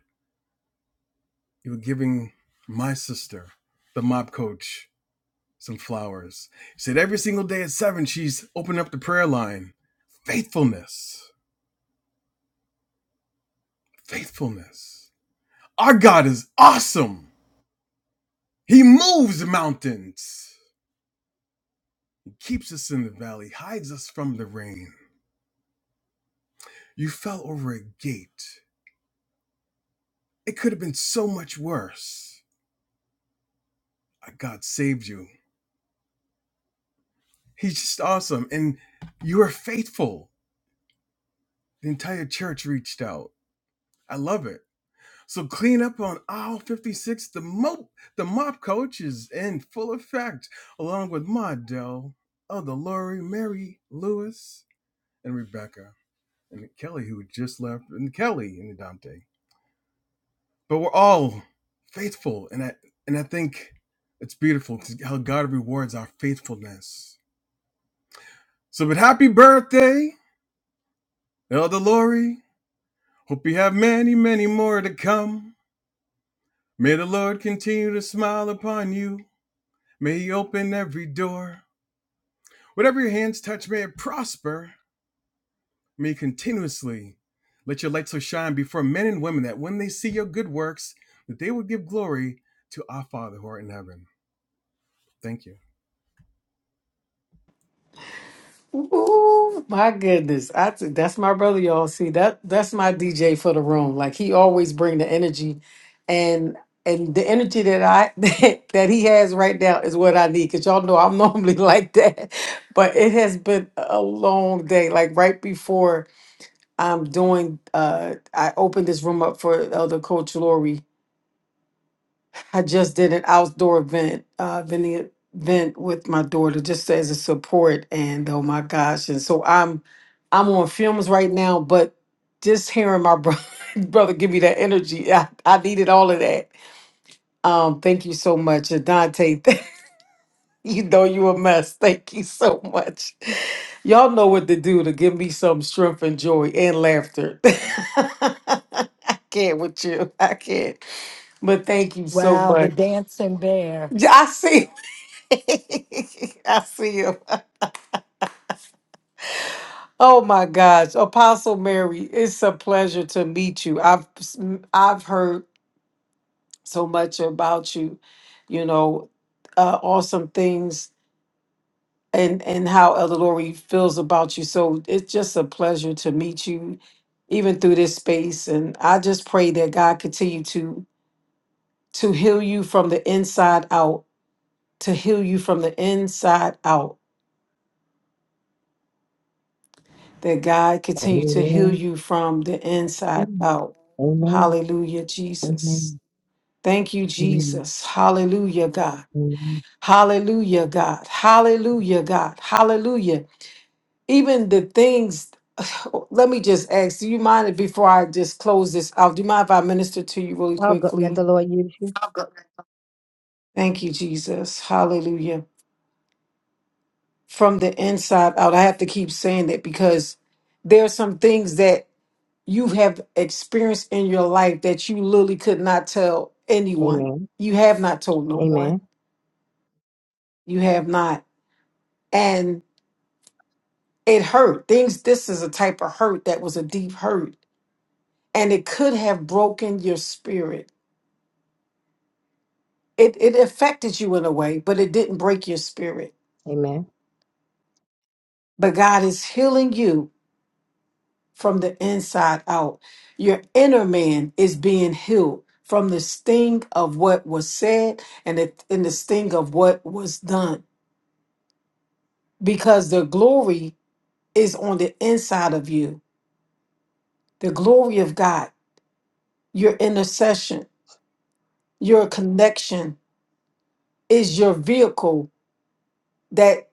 Speaker 7: you were giving my sister, the mob coach, some flowers. You said every single day at seven, she's opening up the prayer line. Faithfulness. Faithfulness. Our God is awesome. He moves mountains. keeps us in the valley, hides us from the rain. You fell over a gate. It could have been so much worse. Uh, God saved you. He's just awesome. And you are faithful. The entire church reached out. I love it. So clean up on aisle 56. The mop, the mop coach is in full effect, along with Maudel, Elder Lori, Mary Lewis, and Rebecca, and Kelly, who had just left, and Kelly and Dante. but we're all faithful and I and I think it's beautiful how God rewards our faithfulness. So but happy birthday, Elder Lori. Hope you have many, many more to come. May the Lord continue to smile upon you. May he open every door. Whatever your hands touch, may it prosper. May you continuously let your light so shine before men and women that when they see your good works, that they will give glory to our Father who art in heaven. Thank you.
Speaker 1: Ooh, my goodness. I t- that's my brother, y'all. See, that that's my DJ for the room. Like he always bring the energy and and the energy that I *laughs* that, he has right now is what I need. Cause y'all know I'm *laughs* normally like that. But it has been a long day. Like right before I'm doing uh I opened this room up for Elder Coach Lori I just did an outdoor event, uh, vending event with my daughter, just as a support. And oh my gosh! And so I'm, I'm on films right now, but just hearing my brother, *laughs* brother give me that energy, I, I needed all of that. Um, thank you so much, and Dante. *laughs* You know you a mess. Thank you so much. Y'all know what to do to give me some strength and joy and laughter. *laughs* I can't with you. I can't. But thank you so much. Yeah, I see. *laughs* I see you. Oh my gosh, Apostle Mary, it's a pleasure to meet you. I've I've heard so much about you, you know, uh, awesome things and and how Elder Lori feels about you. So it's just a pleasure to meet you, even through this space. And I just pray that God continue to to heal you from the inside out, to heal you from the inside out that God continue to heal
Speaker 4: Amen.
Speaker 1: you from the inside
Speaker 4: Amen.
Speaker 1: out.
Speaker 4: Amen.
Speaker 1: Hallelujah, Jesus.
Speaker 4: Amen.
Speaker 1: Thank you, Jesus. Hallelujah, God.
Speaker 4: Amen.
Speaker 1: Hallelujah, God. Hallelujah, God. Hallelujah. Even the things, *sighs* let me just ask, do you mind if before I just close this out? Do you mind if I minister to you really
Speaker 4: Oh, go, let the
Speaker 1: quickly?
Speaker 4: Lord use you.
Speaker 1: Thank you, Jesus. Hallelujah. from the inside out. I have to keep saying that because there are some things that you have experienced in your life that you literally could not tell anyone.
Speaker 4: Amen.
Speaker 1: You have not told no one.
Speaker 4: Amen.
Speaker 1: You have not. And it hurt. Things this is a type of hurt that was a deep hurt. And it could have broken your spirit. It it affected you in a way, but it didn't break your spirit.
Speaker 4: Amen.
Speaker 1: But God is healing you from the inside out. Your inner man is being healed from the sting of what was said and the, and the sting of what was done because the glory is on the inside of you. The glory of God, your intercession, your connection is your vehicle that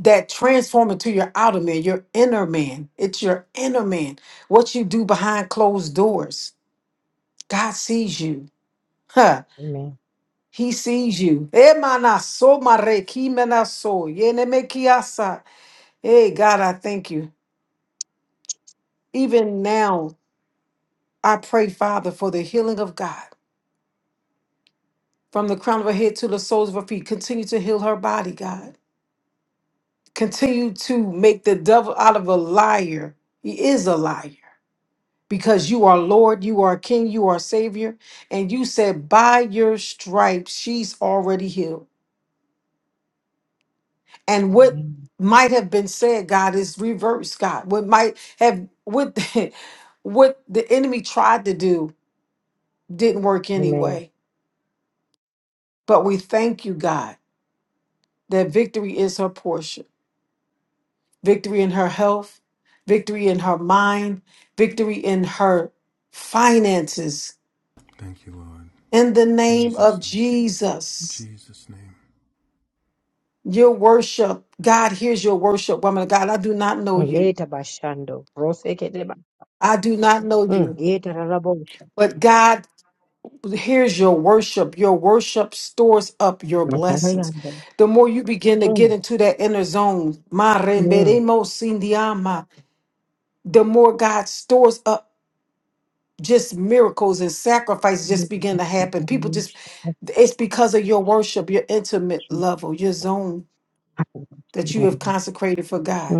Speaker 1: that transform into your outer man, your inner man. It's your inner man. What you do behind closed doors. God sees you. *laughs*
Speaker 4: Amen.
Speaker 1: He sees you. Emana so mare kimena so yeneme kiasa. Hey, God, I thank you. Even now, I pray, Father, for the healing of God from the crown of her head to the soles of her feet. Continue to heal her body, God. Continue to make the devil out of a liar. He is a liar because you are Lord, you are King, you are Savior. And you said, by your stripes, she's already healed. and what
Speaker 4: Amen.
Speaker 1: might have been said god is reversed god what might have what *laughs* what the enemy tried to do didn't work
Speaker 4: Amen.
Speaker 1: anyway but we thank you god that victory is her portion victory in her health victory in her mind victory in her finances
Speaker 7: Thank you, Lord.
Speaker 1: in the name of
Speaker 7: Jesus' name.
Speaker 1: jesus
Speaker 7: Jesus' name.
Speaker 1: your worship god hears your worship woman of god i do not know you
Speaker 4: Yeta bashando. Rose keteba.
Speaker 1: i do not know
Speaker 4: Mm.
Speaker 1: you
Speaker 4: Yeta rabosha.
Speaker 1: but god Here's your worship. Your worship stores up your blessings.
Speaker 4: Nakayanda.
Speaker 1: The more you begin to get
Speaker 4: Mm.
Speaker 1: into that inner zone, ma
Speaker 4: Mm.
Speaker 1: remberemo sindiama, the more God stores up just miracles and sacrifices just begin to happen. People
Speaker 4: Mm.
Speaker 1: just, it's because of your worship, your intimate level, your zone that you have consecrated for God.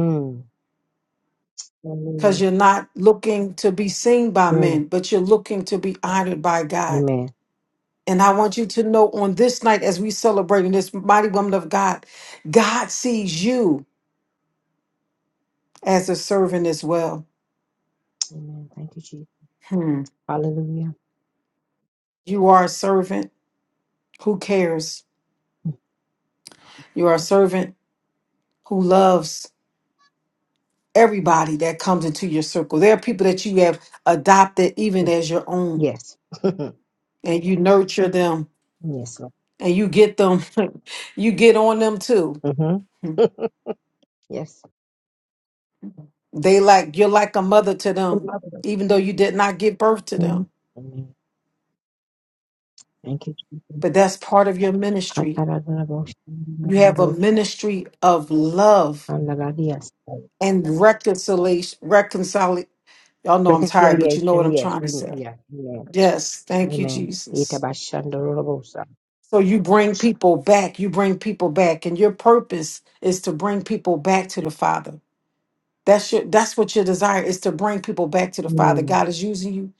Speaker 1: Because
Speaker 4: Hallelujah.
Speaker 1: you're not looking to be seen by
Speaker 4: Mm.
Speaker 1: men, but you're looking to be honored by God.
Speaker 4: Amen.
Speaker 1: And I want you to know on this night, as we celebrate in this mighty woman of God, God sees you as a servant as well.
Speaker 4: Amen. Thank you, Jesus.
Speaker 1: Hmm.
Speaker 4: Hallelujah.
Speaker 1: You are a servant who cares. You are a servant who loves everybody that comes into your circle. There are people that you have adopted even
Speaker 4: Mm,
Speaker 1: as your own,
Speaker 4: Yes. *laughs*
Speaker 1: and you nurture them
Speaker 4: yes, Lord.
Speaker 1: and you get them, *laughs* you get on them too.
Speaker 4: Mm-hmm. *laughs* yes.
Speaker 1: They like you're like a mother to them,
Speaker 4: Mm-hmm.
Speaker 1: even though you did not give birth to them.
Speaker 4: Amen. Thank you, Jesus.
Speaker 1: But that's part of your ministry
Speaker 4: Tatarabosha,
Speaker 1: You have a ministry of love
Speaker 4: andaladias.
Speaker 1: and reconciliation. Reconcile. Y'all know I'm tired, but you know what
Speaker 4: Reconciliation,
Speaker 1: I'm
Speaker 4: yes,
Speaker 1: trying to
Speaker 4: we know,
Speaker 1: say.
Speaker 4: yeah, yeah.
Speaker 1: Yes. Thank you,
Speaker 4: Amen.
Speaker 1: Jesus.
Speaker 4: Itabashandorobosa.
Speaker 1: So you bring people back. You bring people back, and your purpose is to bring people back to the Father. That's your. That's what your desire is to bring people back to the Father.
Speaker 4: Mm.
Speaker 1: God is using you,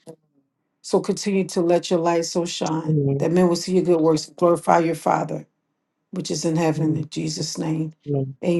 Speaker 1: so continue to let your light so shine
Speaker 4: Amen.
Speaker 1: that men will see your good works, glorify your Father. which is in heaven. In
Speaker 4: Amen.
Speaker 1: Jesus' name.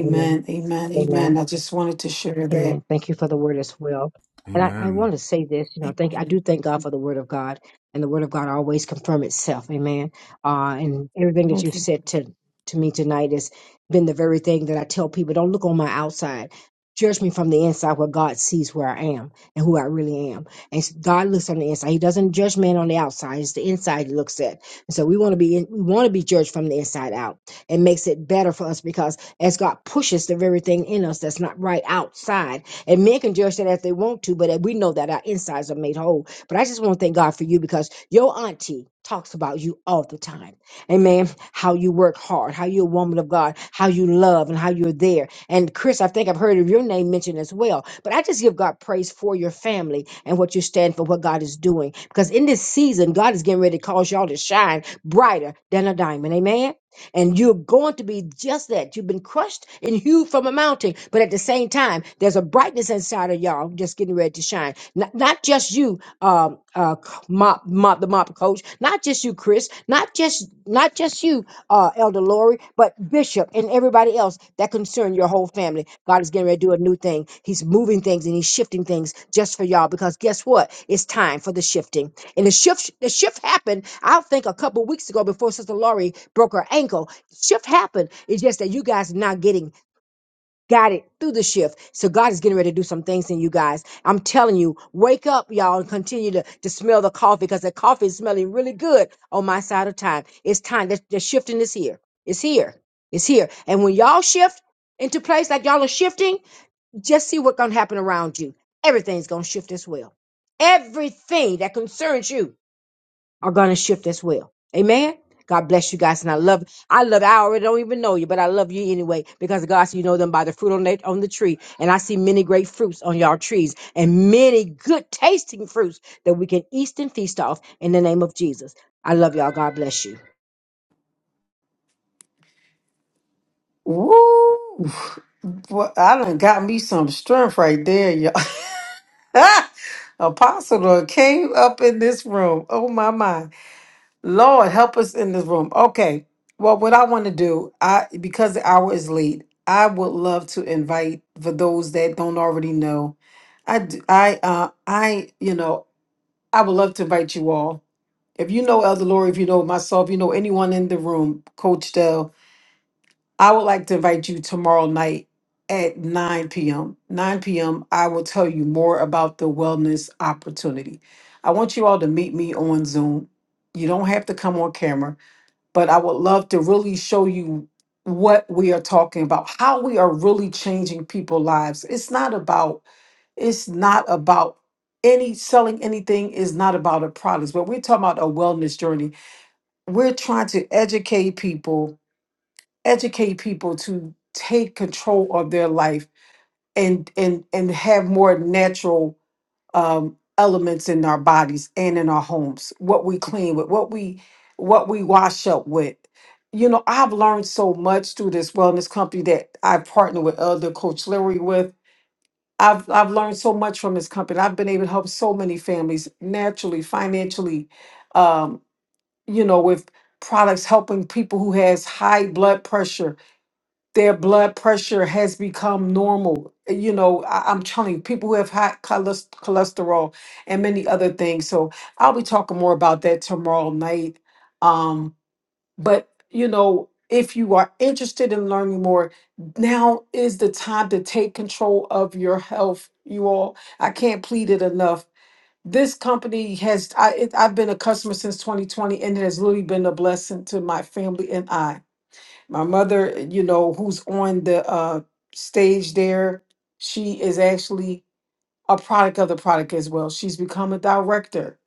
Speaker 4: Amen.
Speaker 1: Amen.
Speaker 4: Amen.
Speaker 1: Amen. I just wanted to share that.
Speaker 4: Amen. Thank you for the word as well. And I, I
Speaker 7: Amen.
Speaker 4: want to say this, you know, thank I
Speaker 1: Amen.
Speaker 4: do thank God for the word of God, and the word of God always confirm itself. Amen. Uh, and everything that
Speaker 1: Thank
Speaker 4: you've
Speaker 1: you.
Speaker 4: said to to me tonight has been the very thing that I tell people: don't look on my outside. Judge me from the inside, where God sees where I am and who I really am. And s- God looks on the inside; He doesn't judge man on the outside. It's the inside He looks at. And so we want to be in, we want to be judged from the inside out. It makes it better for us because as God pushes the very thing in us that's not right outside. And men can judge that if they want to, but we know that our insides are made whole. But I just want to thank God for you because your auntie talks about you all the time. Amen. How you work hard, how you're a woman of God, how you love, and how you're there. And Chris, I think I've heard of your name mentioned as well. But I just give God praise for your family and what you stand for, what God is doing. Because in this season, God is getting ready to cause y'all to shine brighter than a diamond. Amen. And you're going to be just that. You've been crushed and hewed from a mountain, but at the same time, there's a brightness inside of y'all just getting ready to shine. Not, not just you, um, uh, mop, mop, the mop coach. Not just you, Chris. Not just, not just you, uh, Elder Lori, but Bishop and everybody else that concern your whole family. God is getting ready to do a new thing. He's moving things and he's shifting things just for y'all because guess what? It's time for the shifting. And the shift the shift happened, I think a couple weeks ago before Sister Laurie broke her ankle. Shift happened. It's just that you guys are not getting guided through the shift. So God is getting ready to do some things in you guys. I'm telling you, wake up, y'all, and continue to, to smell the coffee because the coffee is smelling really good on my side of time. It's time. The, the shifting is here. It's here. It's here. And when y'all shift into place like y'all are shifting, just see what's gonna happen around you. Everything's gonna shift as well. Everything that concerns you are going to shift as well. Amen. God bless you guys, and I love. I love. I already don't even know you, but I love you anyway because God, said you know them by the fruit on the on the tree, and I see many great fruits on y'all trees, and many good tasting fruits that we can eat and feast off in the name of Jesus. I love y'all. God bless you.
Speaker 1: Woo! Well, I done got me some strength right there, y'all. *laughs* Apostle done came up in this room. Oh my my. Lord help us in this room. Okay. Well, what I want to do, I because the hour is late, I would love to invite for those that don't already know. I d- I uh I you know I would love to invite you all. If you know Elder Lori, if you know myself, you know anyone in the room, Coach Dell, I would like to invite you tomorrow night at 9 p.m. 9 p.m. I will tell you more about the wellness opportunity. I want you all to meet me on Zoom. You don't have to come on camera but I would love to really show you what we are talking about, how we are really changing people's lives. It's not about it's not about any selling anything is not about a product, but we're talking about a wellness journey. We're trying to educate people, educate people to take control of their life and and and have more natural um, elements in our bodies and in our homes what we clean with what we what we wash up with you know i've learned so much through this wellness company that i partner with elder coach larry with i've i've learned so much from this company i've been able to help so many families naturally financially um, you know with products helping people who has high blood pressure their blood pressure has become normal. You know, I, I'm telling you, people who have high cholest- cholesterol and many other things. So I'll be talking more about that tomorrow night. Um, but you know, if you are interested in learning more, now is the time to take control of your health. You all, I can't plead it enough. This company has, I, it, I've been a customer since 2020 and it has really been a blessing to my family and I. My mother, you know, who's on the uh, stage there, she is actually a product of the product as well. She's become a director,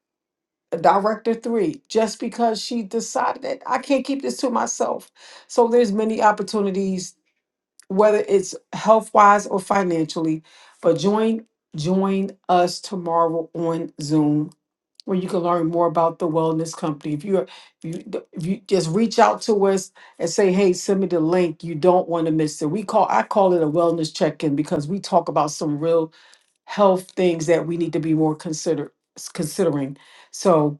Speaker 1: a director three, just because she decided that I can't keep this to myself. So there's many opportunities, whether it's health wise or financially. But join join us tomorrow on Zoom where you can learn more about the wellness company. If you're if you if you just reach out to us and say, hey, send me the link. You don't want to miss it. We call I call it a wellness check-in because we talk about some real health things that we need to be more consider considering. So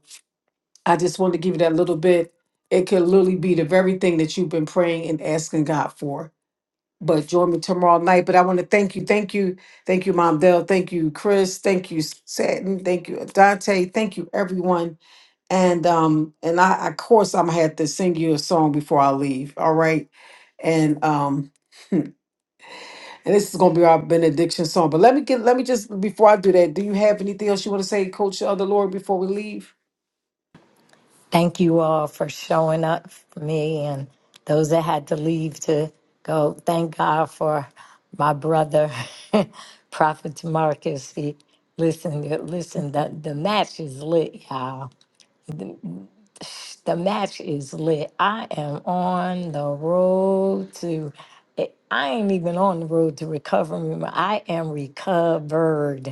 Speaker 1: I just wanted to give you that little bit. It could literally be the very thing that you've been praying and asking God for. But join me tomorrow night. But I want to thank you, thank you, thank you, Mom Dell, thank you, Chris, thank you, Satin, thank you, Dante, thank you, everyone and um and I of course I'm gonna have to sing you a song before I leave. All right. And um and this is gonna be our benediction song. But let me get let me just before I do that, do you have anything else you want to say, Coach uh, the Lord, before we leave?
Speaker 2: Thank you all for showing up for me and those that had to leave to go. Thank God for my brother, *laughs* Prophet Marcus. He listen, listen. The the match is lit, y'all. The match is lit. I am on the road to. I ain't even on the road to recovery. I am recovered.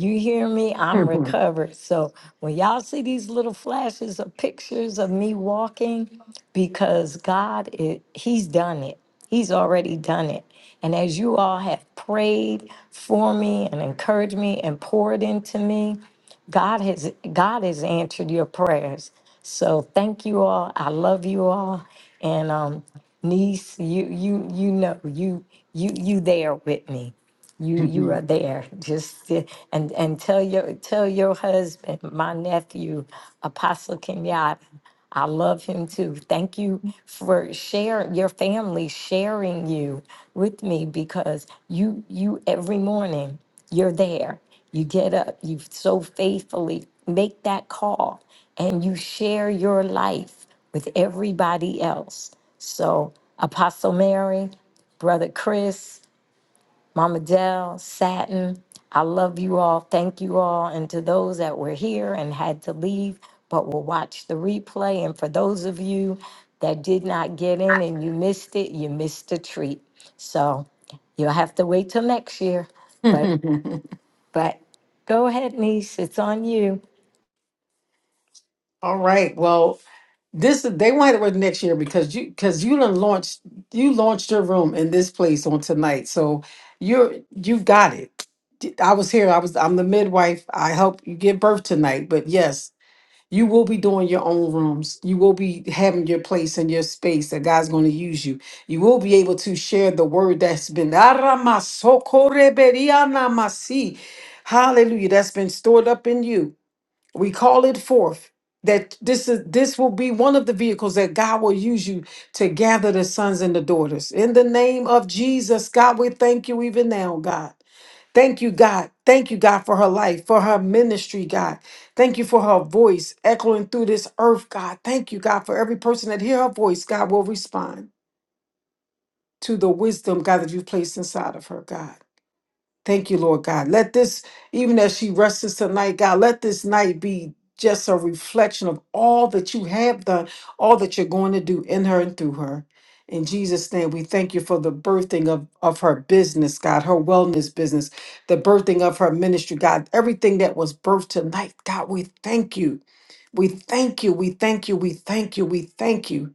Speaker 2: You hear me? I'm
Speaker 1: *laughs*
Speaker 2: recovered. So when y'all see these little flashes of pictures of me walking, because God, it, He's done it. He's already done it. And as you all have prayed for me and encouraged me and poured into me, God has God has answered your prayers. So thank you all. I love you all. And um, niece, you you you know you you you there with me. You you are there. Just uh, and and tell your tell your husband, my nephew, Apostle Kenyatta, I love him too. Thank you for sharing your family sharing you with me because you you every morning you're there. You get up, you so faithfully make that call and you share your life with everybody else. So Apostle Mary, Brother Chris, Mama Dell, Satin. I love you all. Thank you all. And to those that were here and had to leave but will watch the replay. And for those of you that did not get in and you missed it, you missed a treat. So you'll have to wait till next year. But but go ahead, niece. It's on you.
Speaker 1: All right. Well, this they wanted it with next year because you because you done launched you launched your room in this place on tonight. So you're you have got it. I was here. I was I'm the midwife. I helped you give birth tonight. But yes, You will be doing your own rooms. You will be having your place and your space that God's going to use you. You will be able to share the word that's been Aramasokoreberianamasi. Hallelujah. That's been stored up in you. We call it forth. That this is this will be one of the vehicles that God will use you to gather the sons and the daughters. In the name of Jesus, God, we thank you even now, God. Thank you, God. Thank you, God, for her life, for her ministry, God. Thank you for her voice echoing through this earth, God. Thank you, God, for every person that hear her voice, God will respond to the wisdom, God, that you've placed inside of her, God. Thank you, Lord God. Let this, even as she rests tonight, God, let this night be just a reflection of all that you have done, all that you're going to do in her and through her. In Jesus' name, we thank you for the birthing of, of her business, God, her wellness business, the birthing of her ministry, God, everything that was birthed tonight, God, we thank you. We thank you. We thank you. We thank you. We thank you.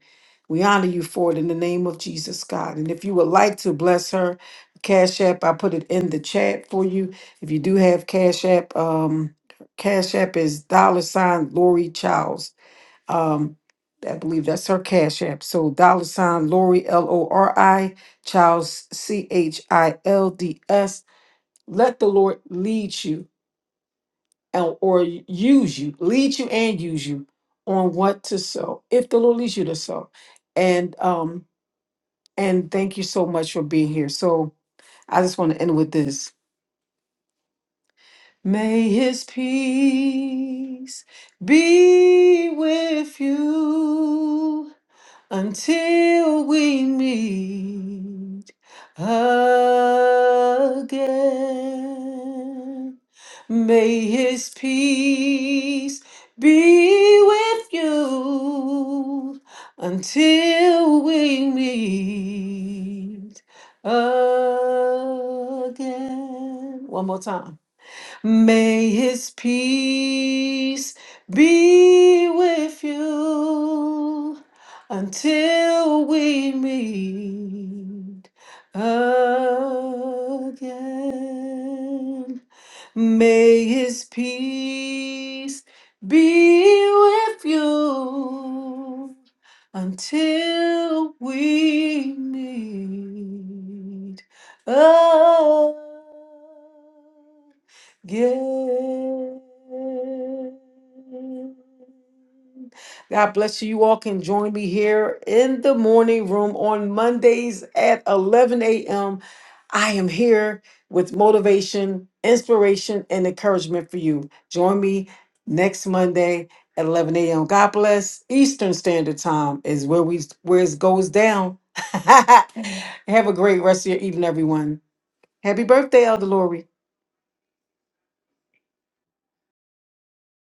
Speaker 1: We honor you for it in the name of Jesus, God. And if you would like to bless her, Cash App. I put it in the chat for you. If you do have Cash App, um, Cash App is dollar sign Lori Childs. Um, I believe that's her Cash App. So dollar sign Lori L O R I Childs C H I L D S. Let the Lord lead you and or use you, lead you and use you on what to sow. If the Lord leads you to sow, and um, and thank you so much for being here. So I just want to end with this. May his peace be with you until we meet again. May his peace be with you until we meet again. One more time. May his peace be with you until we meet again. May his peace be with you until we meet again. God bless you. You all can join me here in the morning room on Mondays at 11 a.m. I am here with motivation, inspiration, and encouragement for you. Join me next Monday at 11 a.m. God bless. Eastern Standard Time is where we where it goes down. *laughs* Have a great rest of your evening, everyone. Happy birthday, Elder Lori.